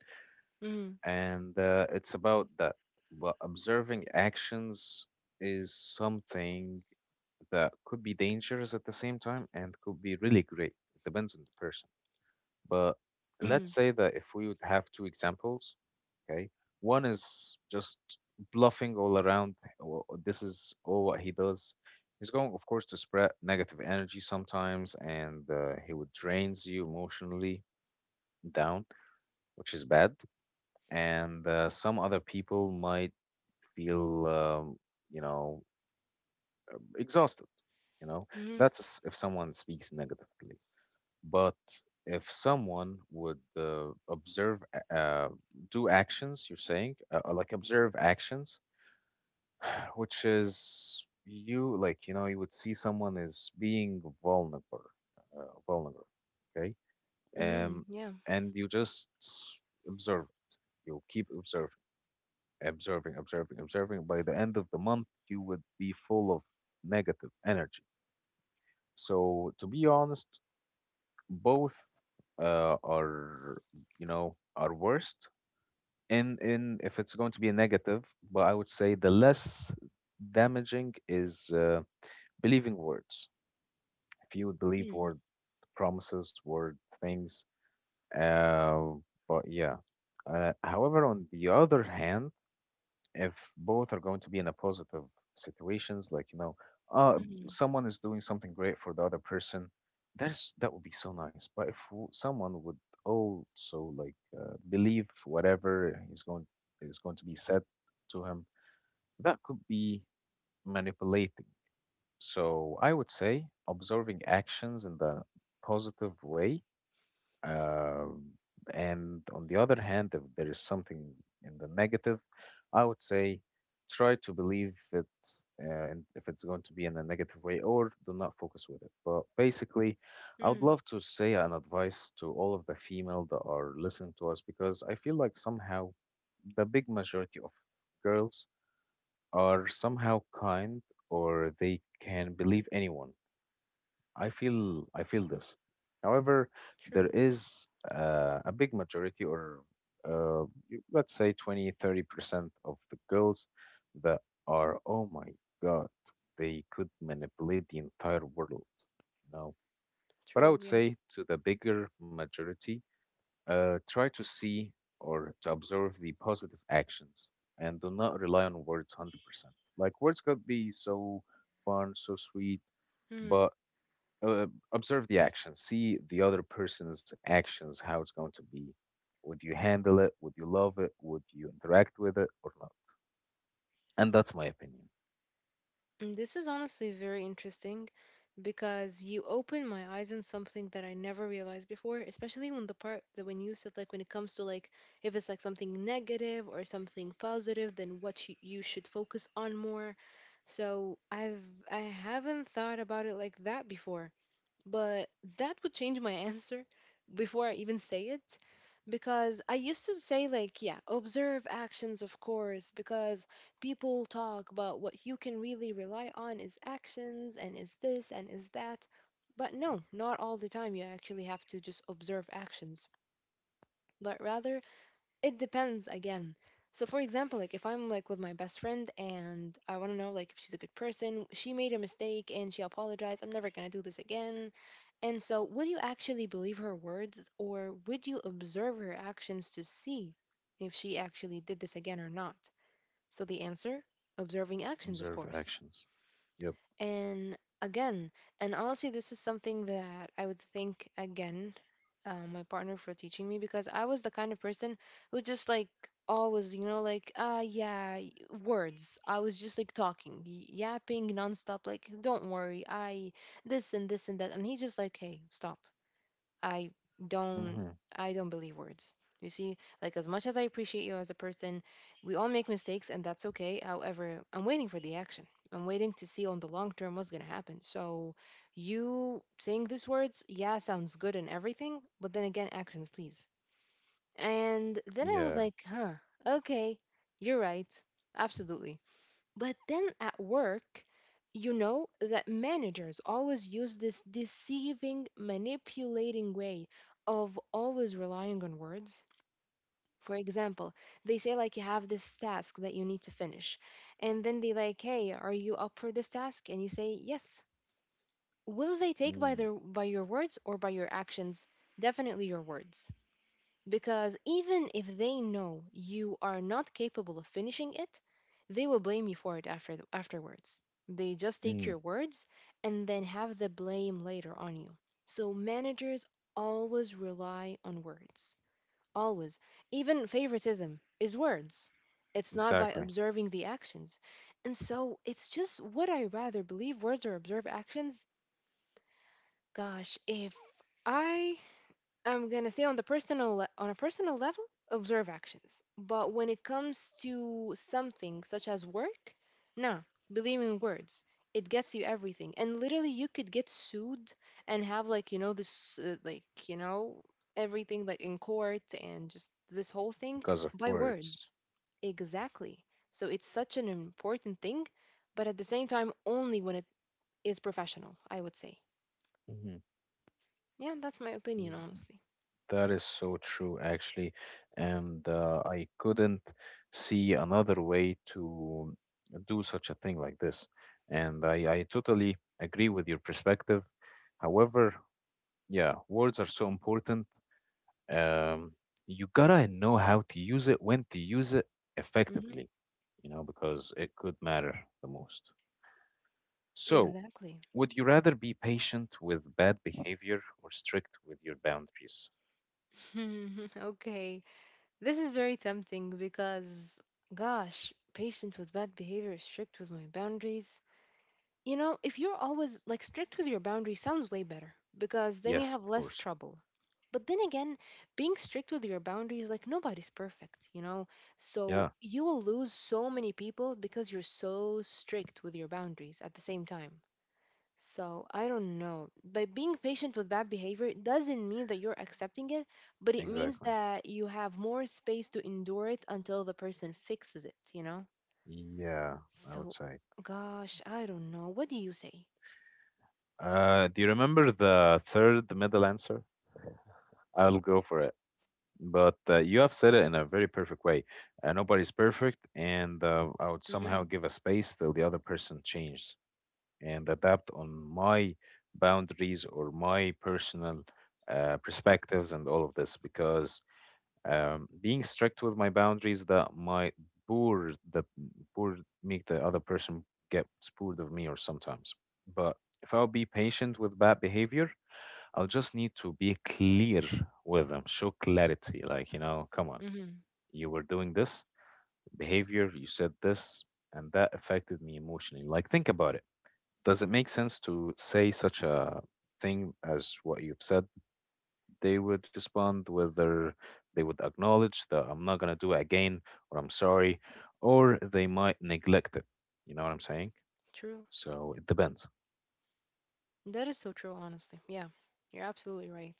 Speaker 1: Mm.
Speaker 2: And it's about that. But observing actions is something that could be dangerous at the same time and could be really great. It depends on the person. But let's
Speaker 1: Mm.
Speaker 2: say that if we would have two examples, okay, one is just bluffing all around. "Oh, oh, this is all what he does. He's going, of course, to spread negative energy sometimes, and he would drains you emotionally down, which is bad. And some other people might feel, you know, exhausted. You know,
Speaker 1: Mm.
Speaker 2: that's if someone speaks negatively. But if someone would observe, do actions, you're saying, like observe actions, which is you, like, you know, you would see someone is being vulnerable, uh, vulnerable, okay?
Speaker 1: Mm.
Speaker 2: Um,
Speaker 1: Yeah.
Speaker 2: and you just observe it. You keep observing, observing. By the end of the month, you would be full of negative energy. So, to be honest, both are are worst in if it's going to be a negative, but I would say the less damaging is believing words. If you would believe
Speaker 1: Mm.
Speaker 2: word, promises, word things, uh, but yeah. However, on the other hand, if both are going to be in a positive situations, like, you know, uh
Speaker 1: Mm.
Speaker 2: someone is doing something great for the other person, that would be so nice. But if someone would also, like, believe whatever is going to be said to him, that could be manipulating. So I would say observing actions in the positive way, um, and on the other hand, if there is something in the negative, I would say try to believe it, and if it's going to be in a negative way, or do not focus with it. But basically, I would
Speaker 1: Mm.
Speaker 2: love to say an advice to all of the female that are listening to us, because I feel like somehow the big majority of girls are somehow kind, or they can believe anyone. I feel this. However, there
Speaker 1: True,
Speaker 2: is a big majority, or uh, let's say 20, 30% of the girls that are, oh my God, they could manipulate the entire world, you know. But I
Speaker 1: true,
Speaker 2: would
Speaker 1: yeah.
Speaker 2: say to the bigger majority, try to see or to observe the positive actions and do not rely on words 100%. Like, words could be so fun, so sweet,
Speaker 1: Mm.
Speaker 2: but uh, observe the action. See the other person's actions, how it's going to be. Would you handle it? Would you love it? Would you interact with it or not? And that's my opinion.
Speaker 1: Mm, this is honestly very interesting because you open my eyes on something that I never realized before, especially when the part that when you said like when it comes to like if it's like something negative or something positive, then what you should focus on more. So I've I haven't thought about it like that before, but that would change my answer before I even say it because I used to say, like, yeah, observe actions, of course, because people talk, but what you can really rely on is actions and is this and is that. But no, not all the time. You actually have to just observe actions, but rather it depends again. So, for example, like if I'm like with my best friend and I want to know like if she's a good person, she made a mistake and she apologized. I'm never gonna do this again. And so, would you actually believe her words or would you observe her actions to see if she actually did this again or not? So, the answer observing actions, of
Speaker 2: Observe
Speaker 1: course.
Speaker 2: actions. Yep.
Speaker 1: And again, and honestly, this is something that I would thank again my partner for teaching me because I was the kind of person who just like always, you know, like, ah, yeah, words. I was just like talking, yapping nonstop, like, don't worry, I this and this and that. And he's just like, hey, stop I
Speaker 2: Hmm.
Speaker 1: don't I don't believe words. You see, like as much as I appreciate you as a person, we all make mistakes and that's okay. However, I'm waiting for the action. I'm waiting to see on the long term what's gonna happen. So you saying these words, yeah, sounds good and everything, but then again, actions please. And then
Speaker 2: Yeah.
Speaker 1: I was like, huh, okay, you're right. Absolutely. But then at work, you know that managers always use this deceiving, manipulating way of always relying on words. For example, they say like you have this task that you need to finish. And then they like, "Hey, are you up for this task?" And you say, "Yes." Will they take by
Speaker 2: Mm.
Speaker 1: their by your words or by your actions? Definitely your words. Because even if they know you are not capable of finishing it, they will blame you for it afterwards. They just take
Speaker 2: Mm.
Speaker 1: your words and then have the blame later on you. So managers always rely on words. Always. Even favoritism is words. It's not by
Speaker 2: Exactly.
Speaker 1: observing the actions. And so it's just would I rather believe words or observe actions? Gosh, if I I'm gonna say on a personal level, observe actions. But when it comes to something such as work, nah, believe in words. It gets you everything, and literally you could get sued and have like you know this like you know everything like in court and just this whole thing
Speaker 2: Because of
Speaker 1: by words.
Speaker 2: words.
Speaker 1: Exactly. So it's such an important thing, but at the same time, only when it is professional, I would say.
Speaker 2: Hmm.
Speaker 1: Yeah, that's my opinion, honestly.
Speaker 2: That is so true actually, and I couldn't see another way to do such a thing like this. I totally agree with your perspective. However, yeah, words are so important. Um, you gotta know how to use it, when to use it
Speaker 1: Hmm.
Speaker 2: effectively, you know, because it could matter the most. So,
Speaker 1: Exactly.
Speaker 2: would you rather be patient with bad behavior or strict with your boundaries?
Speaker 1: Hmm, okay. This is very tempting because, gosh, patient with bad behavior, strict with my boundaries. You know, if you're always like strict with your boundaries, sounds way better because then you
Speaker 2: Yes,
Speaker 1: have
Speaker 2: of
Speaker 1: less
Speaker 2: course.
Speaker 1: trouble. But then again, being strict with your boundaries, like nobody's perfect, you know? So
Speaker 2: Yeah,
Speaker 1: you will lose so many people because you're so strict with your boundaries at the same time. So I don't know. By being patient with bad behavior it doesn't mean that you're accepting it, but it means
Speaker 2: exactly.
Speaker 1: that you have more space to endure it until the person fixes it, you know?
Speaker 2: Yeah, I would
Speaker 1: So,
Speaker 2: say.
Speaker 1: gosh, I don't know. What do you say?
Speaker 2: Do you remember the third middle answer? I'll go for it. But you have said it in a very perfect way. Nobody's perfect, and I would
Speaker 1: Mm
Speaker 2: somehow give a space till the other person changes and adapt on my boundaries or my personal perspectives and all of this. Because being strict with my boundaries, that might bore the bore make the other person get bored of me, or sometimes. But if I'll be patient with bad behavior, I'll just need to be clear with them, show clarity. Like, you know, come
Speaker 1: hmm.
Speaker 2: on,
Speaker 1: Mm hmm.
Speaker 2: you were doing this behavior, you said this, and that affected me emotionally. Like, think about it. Does it make sense to say such a thing as what you've said? They would respond, whether they would acknowledge that I'm not going to do it again, or I'm sorry, or they might neglect it. You know what I'm saying?
Speaker 1: True.
Speaker 2: So it depends.
Speaker 1: That is so true, honestly. Yeah, you're absolutely right.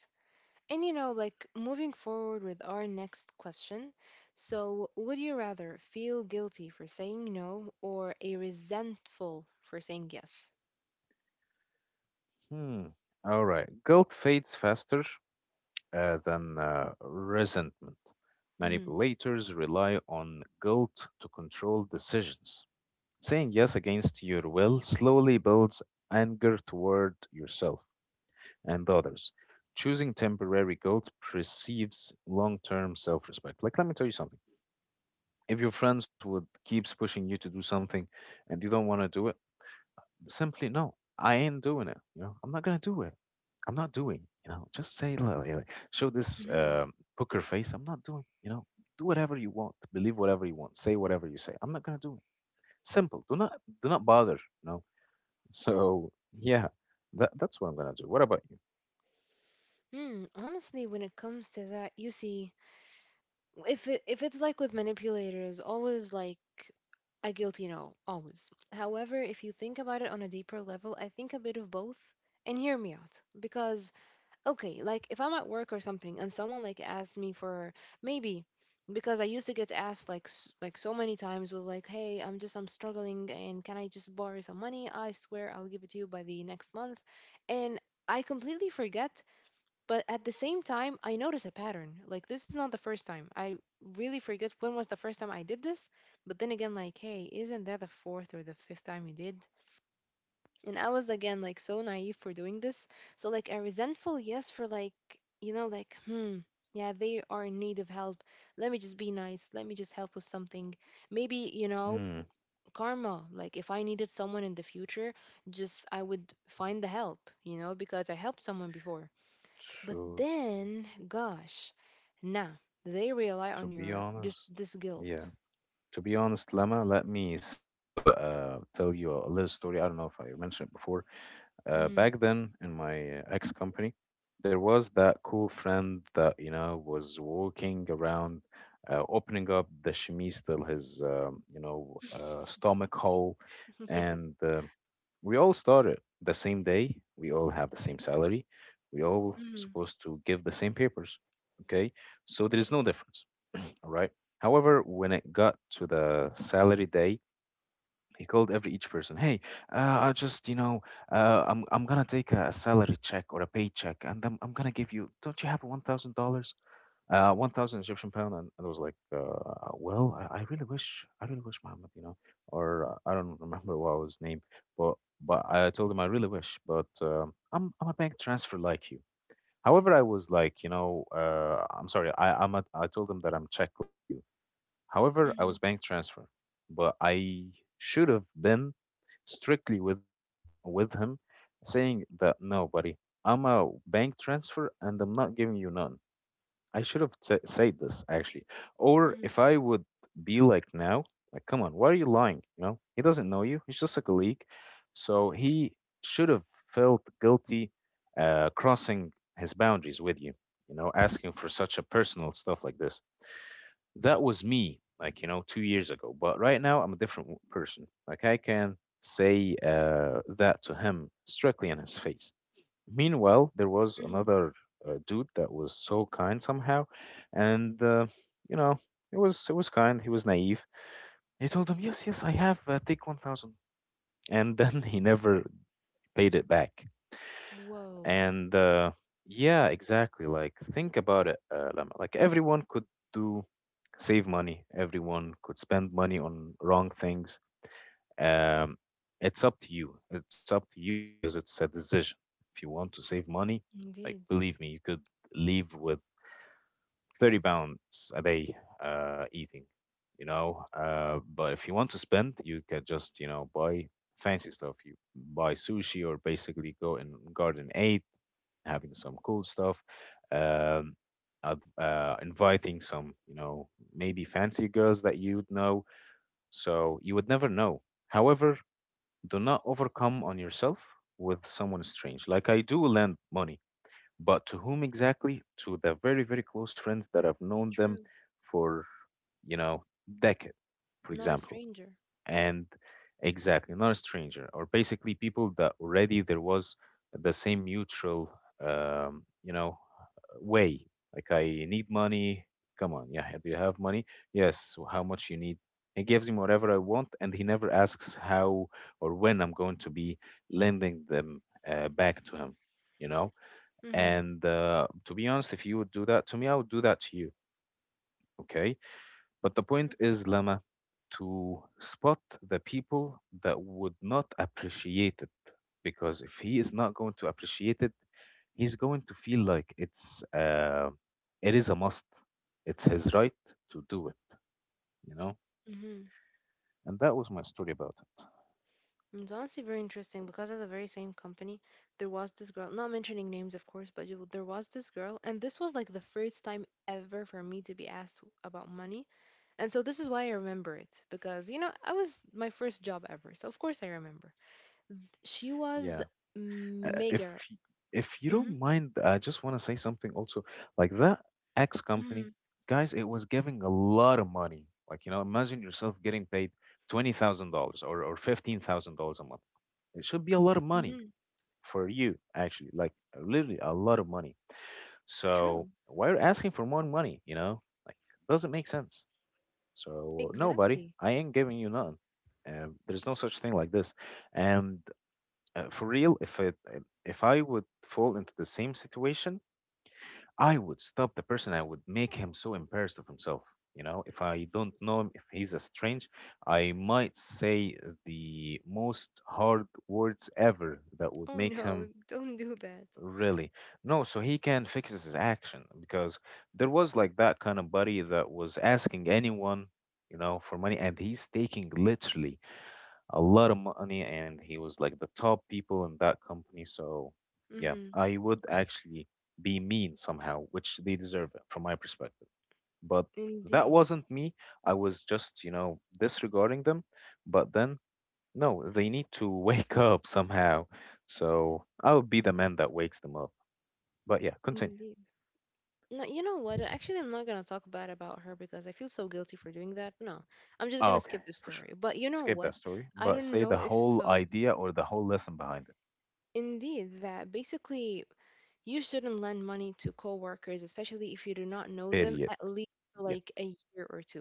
Speaker 1: And you know, like moving forward with our next question. So, would you rather feel guilty for saying no or a resentful for saying yes?
Speaker 2: Hmm. All right. Guilt fades faster, than resentment.
Speaker 1: Mm hmm.
Speaker 2: Manipulators rely on guilt to control decisions. Saying yes against your will slowly builds anger toward yourself and others. Choosing temporary guilt perceives long term self respect. Like, let me tell you something. If your friends would keeps pushing you to do something and you don't want to do it, simply, no, I ain't doing it. You know, I'm not gonna do it. I'm not doing. You know, just say, "Look," you know, show
Speaker 1: Mm
Speaker 2: this
Speaker 1: hmm.
Speaker 2: poker face. I'm not doing. You know, do whatever you want, believe whatever you want, say whatever you say. I'm not gonna do it. Simple. Do not bother. You know. So yeah, that's what I'm gonna do. What about you?
Speaker 1: Hmm, honestly, when it comes to that, you see, if it's like with manipulators, always like a guilty no, always. However, if you think about it on a deeper level, I think a bit of both. And hear me out, because okay, like if I'm at work or something, and someone like asked me for maybe because I used to get asked like like so many times with like, hey, I'm just I'm struggling, and can I just borrow some money? I swear I'll give it to you by the next month, and I completely forget but at the same time, I notice a pattern. Like this is not the first time. I really forget when was the first time I did this. But then again, like, hey, isn't that the fourth or the fifth time you did? And I was again like so naive for doing this. So like a resentful yes for like, you know, like, hmm, yeah, they are in need of help. Let me just be nice. Let me just help with something. Maybe, you know,
Speaker 2: Mm,
Speaker 1: karma. Like if I needed someone in the future, just I would find the help, you know, because I helped someone before but
Speaker 2: to
Speaker 1: then, gosh, now they rely on
Speaker 2: to be
Speaker 1: your just
Speaker 2: honest,
Speaker 1: this
Speaker 2: yeah.
Speaker 1: guilt.
Speaker 2: To be honest, Lama, let me say you tell you a little story. I don't know if I mentioned it before.
Speaker 1: Mm-hmm.
Speaker 2: Back then in my ex company, there was that cool friend that, you know, was walking around, opening up the chemise till his you know, stomach hole,
Speaker 1: yeah.
Speaker 2: and we all started the same day. We all have the same salary. We all
Speaker 1: Mm-hmm.
Speaker 2: supposed to give the same papers. Okay, so there is no difference. All right. However, when it got to the salary day, he called every each person. Hey, I just, you know, I'm gonna take a salary check or a paycheck, and I'm gonna give you. Don't you have $1,000? 1,000 Egyptian pound, and I was like, well, I really wish, I really wish, Muhammad, you know, or I don't remember what was his name, but I told him I really wish, but I'm a bank transfer like you. However, I was like, you know, I'm sorry, I told him that I'm Czech like you. However, I
Speaker 1: Mm-hmm.
Speaker 2: was bank transfer, but I should have been strictly with her, with him, saying that no, buddy, I'm a bank transfer and I'm not giving you none. I should have sa said this actually. Or
Speaker 1: Mm-hmm.
Speaker 2: if I would be like now, like, come on, why are you lying? You know, he doesn't know you. He's just a colleague, so he should have felt guilty, crossing his boundaries with you. You know, asking for such a personal stuff like this. That was me, like, you know, 2 years ago, but right now I'm a different person. Like, I can say that to him strictly in his face. Meanwhile, there was
Speaker 1: Mm-hmm.
Speaker 2: another dude that was so kind somehow, and you know, it was kind, he was naive. He told him, yes, yes, I have, take 1,000." And then he never paid it back.
Speaker 1: Whoa.
Speaker 2: And yeah, exactly. Like, think about it, Lama. Like, everyone could do save money. Everyone could spend money on wrong things. Um, it's up to you. It's up to you, because it's a decision. If you want to save money, like,
Speaker 1: Indeed.
Speaker 2: believe me, you could leave with 30 pounds a day, eating. You know, but if you want to spend, you can just, you know, buy fancy stuff. You buy sushi, or basically go in garden eight, having some cool stuff, um, inviting some, you know, maybe fancy girls that you'd know. So you would never know. However, do not overcome on yourself with someone strange. Like, I do lend money, but to whom exactly? To the very, very close friends that I've known
Speaker 1: True.
Speaker 2: them for, you know, decade, for
Speaker 1: Not a
Speaker 2: example,
Speaker 1: stranger.
Speaker 2: and exactly not a stranger, or basically people that already there was the same mutual, you know, way. Like, I need money, come on, yeah, do you have money, yes, so how much you need, he gives him whatever I want, and he never asks how or when I'm going to be lending them back to him, you know.
Speaker 1: Mm-hmm.
Speaker 2: And to be honest, if you would do that to me, I would do that to you, okay. But the
Speaker 1: True.
Speaker 2: point is, Lama, to spot the people that would not appreciate it. Because if he is not going to appreciate it, he's going to feel like it is a must. It's his right to do it, you know?
Speaker 1: Mm-hmm.
Speaker 2: And that was my story about it.
Speaker 1: It's honestly very interesting because at the very same company, there was this girl, not mentioning names, of course, but there was this girl, and this was like the first time ever for me to be asked about money. And so this is why I remember it because, you know, I was my first job ever. So of course I remember. She
Speaker 2: Yeah.
Speaker 1: was
Speaker 2: If
Speaker 1: meager.
Speaker 2: you
Speaker 1: Hmm.
Speaker 2: don't mind, I just want to say something also. Like that X
Speaker 1: Hmm.
Speaker 2: company, guys, it was giving a lot of money. Like, you know, imagine yourself getting paid $20,000 or $15,000 a month. It should be a lot of money
Speaker 1: Hmm.
Speaker 2: for you, actually, like, literally a lot of money.
Speaker 1: True.
Speaker 2: So why are you asking for more money, you know? Like, doesn't make sense. So no, buddy,
Speaker 1: Exactly.
Speaker 2: I ain't giving you none. There's no such thing like this. And for real, if if I would fall into the same situation, I would stop the person. I would make him so embarrassed of himself. You know, if I don't know him, if he's a strange, I might say the most hard words ever that would
Speaker 1: Oh
Speaker 2: make
Speaker 1: no,
Speaker 2: him
Speaker 1: don't do that.
Speaker 2: really no. So he can fix his action, because there was like that kind of buddy that was asking anyone, you know, for money, and he's taking literally a lot of money, and he was like the top people in that company. So yeah,
Speaker 1: Hmm.
Speaker 2: I would actually be mean somehow, which they deserve it from my perspective. But that
Speaker 1: Indeed.
Speaker 2: wasn't me. I was just, you know, disregarding them. But then, no, they need to wake up somehow. So I would be the man that wakes them up. But yeah, continue.
Speaker 1: Indeed. No, you know what? Actually, I'm not gonna talk bad about her because I feel so guilty for doing that. No, I'm just gonna
Speaker 2: Oh, okay,
Speaker 1: skip the
Speaker 2: for sure.
Speaker 1: story. But you know
Speaker 2: Skip
Speaker 1: what?
Speaker 2: that story,
Speaker 1: I
Speaker 2: but
Speaker 1: don't
Speaker 2: say the
Speaker 1: know if,
Speaker 2: whole
Speaker 1: um,
Speaker 2: idea or the whole lesson behind it.
Speaker 1: indeed, that basically you shouldn't lend money to coworkers, especially if you do not know them
Speaker 2: Period.
Speaker 1: at least for,
Speaker 2: Yeah,
Speaker 1: like a year or two.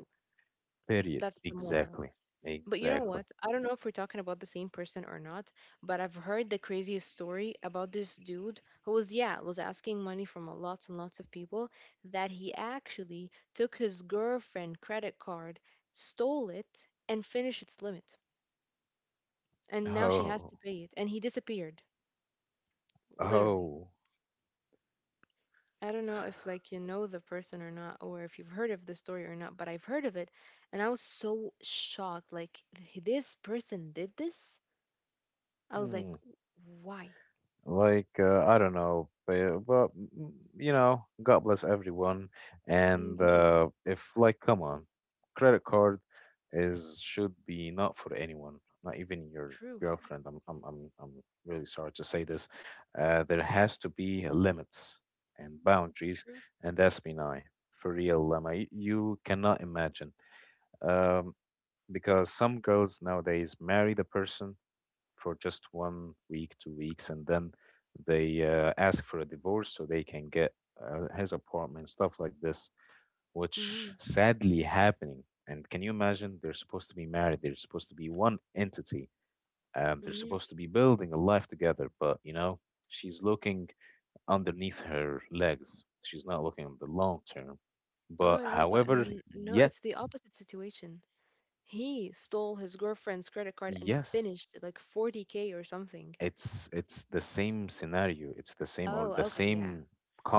Speaker 2: period.
Speaker 1: That's the moral.
Speaker 2: Exactly.
Speaker 1: But you know what?
Speaker 2: Exactly.
Speaker 1: I don't know if we're talking about the same person or not, but I've heard the craziest story about this dude who was, yeah, was asking money from a lots and lots of people that he actually took his girlfriend credit card, stole it, and finished its limit. And now she has
Speaker 2: Oh,
Speaker 1: to pay it. And he disappeared, literally.
Speaker 2: oh,
Speaker 1: I don't know if like you know the person or not, or if you've heard of the story or not, but I've heard of it, and I was so shocked. Like, "This person did this? I was like,
Speaker 2: hmm.
Speaker 1: why?
Speaker 2: I don't know, but God bless everyone. And
Speaker 1: Indeed.
Speaker 2: if like, come on, credit card is should be not for anyone, not even your
Speaker 1: True.
Speaker 2: girlfriend. I'm really sorry to say this. There has to be limits and boundaries,
Speaker 1: True.
Speaker 2: and that's been I for real, Lama. Y- You cannot imagine. Um, because some girls nowadays marry the person for just one week, 2 weeks, and then they ask for a divorce so they can get his apartment and stuff like this,
Speaker 1: Hmm.
Speaker 2: which sadly happening. And can you imagine? They're supposed to be married. They're supposed to be one entity. They're
Speaker 1: Hmm.
Speaker 2: supposed to be building a life together. She's looking underneath her legs. She's not looking at the long term.
Speaker 1: Oh
Speaker 2: But
Speaker 1: my God, but
Speaker 2: however,
Speaker 1: no, it's
Speaker 2: yet
Speaker 1: the opposite situation. He stole his girlfriend's credit card and finished
Speaker 2: yes.
Speaker 1: like 40K or something.
Speaker 2: It's the same scenario, it's the same or
Speaker 1: Oh,
Speaker 2: the
Speaker 1: okay, yeah.
Speaker 2: same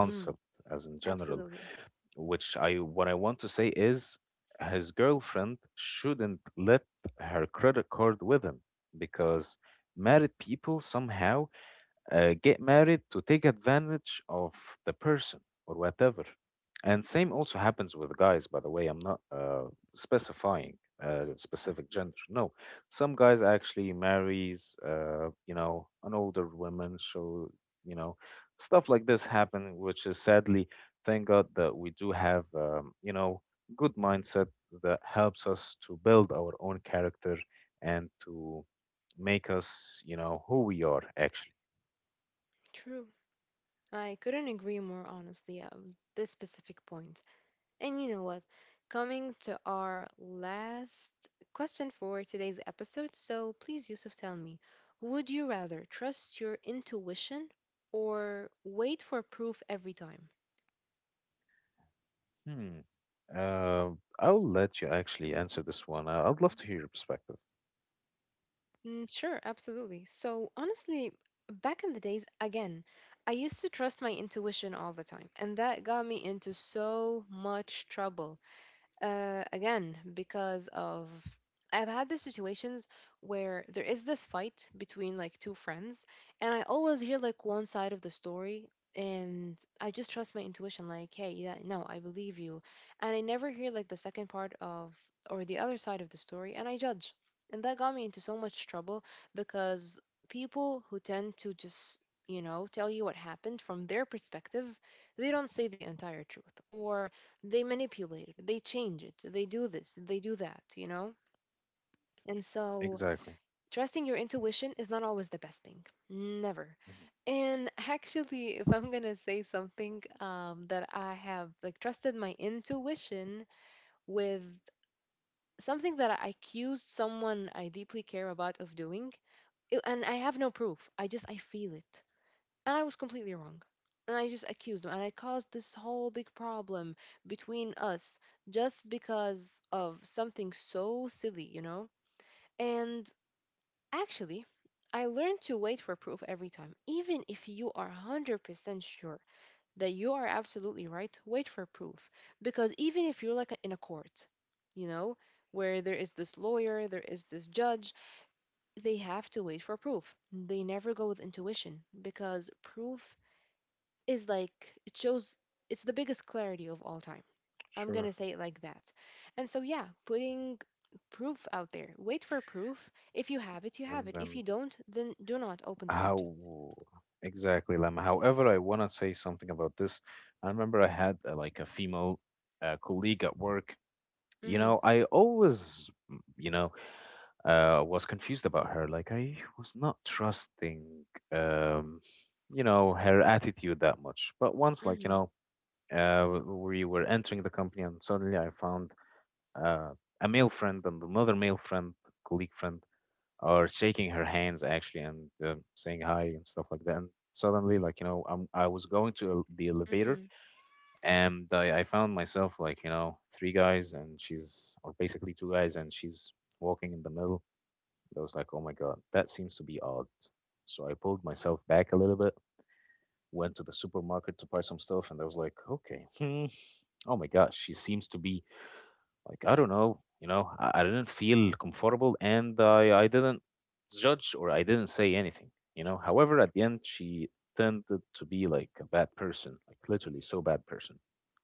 Speaker 1: Mm,
Speaker 2: as in general,
Speaker 1: absolutely.
Speaker 2: which I what I want to say is his girlfriend shouldn't let her credit card with him because married people somehow get married to take advantage of the person or whatever. And same also happens with guys, by the way. I'm not specifying a specific gender. No, some guys actually marries, an older woman. So you know, stuff like this happen, which is sadly, thank God that we do have, good mindset that helps us to build our own character and to make us, who we are actually.
Speaker 1: True. I couldn't agree more honestly at this specific point. And you know what? Coming to our last question for today's episode. So please, Yusuf, tell me would you rather trust your intuition or wait for proof every time?
Speaker 2: Hmm. Uh, I'll let you actually answer this one. I'd love to hear your perspective.
Speaker 1: Mm, sure, absolutely. So honestly, back in the days, again, I used to trust my intuition all the time, and that got me into so much trouble. Again because of I've had these situations where there is this fight between like two friends, and I always hear like one side of the story, and I just trust my intuition, like, hey, yeah, no, I believe you, and I never hear like the second part of or the other side of the story, and I judge, and that got me into so much trouble because people who tend to just you know tell you what happened from their perspective they don't say the entire truth or they manipulate it, they change it, they do this, they do that, you know? And so,
Speaker 2: Exactly.
Speaker 1: trusting your intuition is not always the best thing. Never.
Speaker 2: Mhm.
Speaker 1: And actually, if I'm gonna say something that I have like trusted my intuition with something that I accused someone I deeply care about of doing, it- and I have no proof. I just I feel it. And I was completely wrong. And I just accused him, and I caused this whole big problem between us just because of something so silly, you know? And actually, I learned to wait for proof every time. Even if you are 100% sure that you are absolutely right, wait for proof. Because even if you're like in a court, you know, where there is this lawyer, there is this judge, they have to wait for proof. They never go with intuition because proof is like it shows it's the biggest clarity of all time. I'm gonna say
Speaker 2: Sure.
Speaker 1: it like that. And so yeah, putting proof out there. Wait for proof. If you have it, you have
Speaker 2: And
Speaker 1: it. If
Speaker 2: then
Speaker 1: you don't, then do not open the subject.
Speaker 2: how exactly, Lam. However, I want to say something about this. I remember I had like a female colleague at work.
Speaker 1: Mhm.
Speaker 2: I always was confused about her. Like I was not trusting, um, her attitude that much. But once,
Speaker 1: Mhm.
Speaker 2: we were entering the company and suddenly I found uh, a male friend and another male friend, colleague friend, are shaking her hands actually and saying hi and stuff like that. And suddenly, I was going to the elevator
Speaker 1: Mhm.
Speaker 2: and I found myself like three guys and she's, or basically two guys and she's walking in the middle. I was like, oh my god, that seems to be odd. So I pulled myself back a little bit, went to the supermarket to buy some stuff, and I was like, okay, hmm, oh my gosh, she seems to be like, I don't know, I didn't feel comfortable and I didn't judge or I didn't say anything, you know. However, at the end, she tended to be like a bad person, like literally so bad person,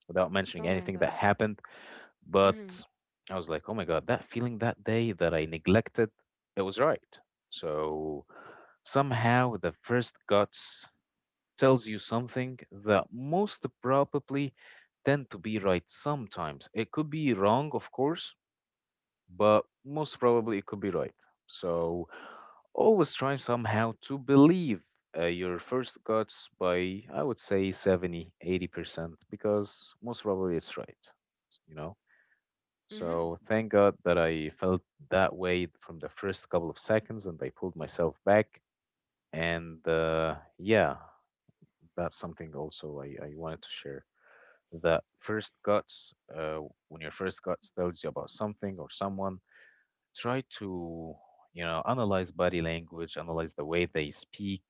Speaker 2: without mentioning
Speaker 1: Oh my
Speaker 2: anything that
Speaker 1: god.
Speaker 2: happened. But
Speaker 1: Mhm.
Speaker 2: I was like, oh my God, that feeling that day that I neglected, it was right. So somehow the first guts tells you something that most probably tend to be right sometimes. It could be wrong, of course, but most probably it could be right. So always try somehow to believe your first guts by, I would say, 70, 80% because most probably it's right, you know?
Speaker 1: Mhm.
Speaker 2: So thank God that I felt that way from the first couple of seconds and I pulled myself back. And yeah, that's something also I wanted to share. That first guts, when your first guts tells you about something or someone, try to you know analyze body language, analyze the way they speak,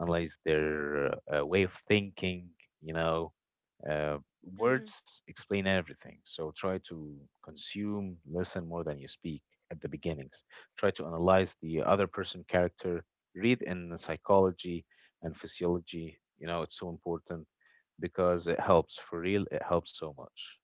Speaker 2: analyze their way of thinking, you know, uh,
Speaker 1: Mhm.
Speaker 2: words explain everything, so try to consume, listen more than you speak at the beginnings, try to analyze the other person character, read in psychology and physiology, you know it's so important because it helps, for real, it helps so much.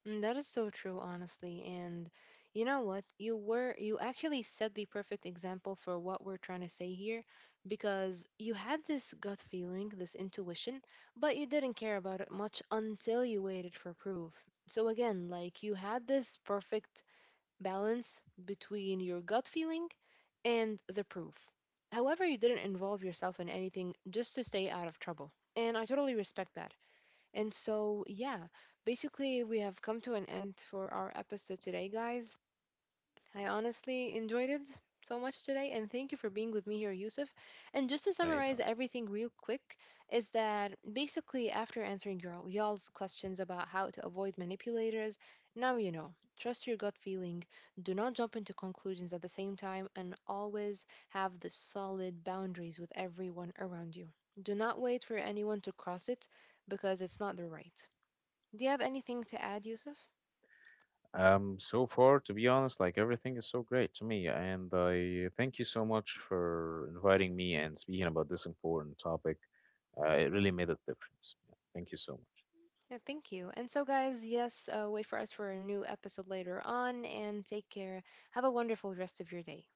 Speaker 1: Mm, that is so true, honestly. And you know what? You were you actually set the perfect example for what we're trying to say here because you had this gut feeling, this intuition, but you didn't care about it much until you waited for proof. So again, like you had this perfect balance between your gut feeling and the proof. However, you didn't involve yourself in anything just to stay out of trouble. And I totally respect that. And so, yeah, basically, we have come to an end for our episode today, guys. I honestly enjoyed it so much today, and thank you for being with me here, Yusuf. And just to
Speaker 2: Right.
Speaker 1: summarize everything real quick, is that basically, after answering y'all's questions about how to avoid manipulators, now you know. Trust your gut feeling, do not jump into conclusions at the same time, and always have the solid boundaries with everyone around you. Do not wait for anyone to cross it because it's not the right. Do you have anything to add, Yusuf?
Speaker 2: So far, to be honest, like everything is so great to me, and I thank you so much for inviting me and speaking about this important topic. It really made a difference. Yeah, thank you so much.
Speaker 1: Yeah, thank you. And so, guys, yes, wait for us for a new episode later on and take care. Have a wonderful rest of your day.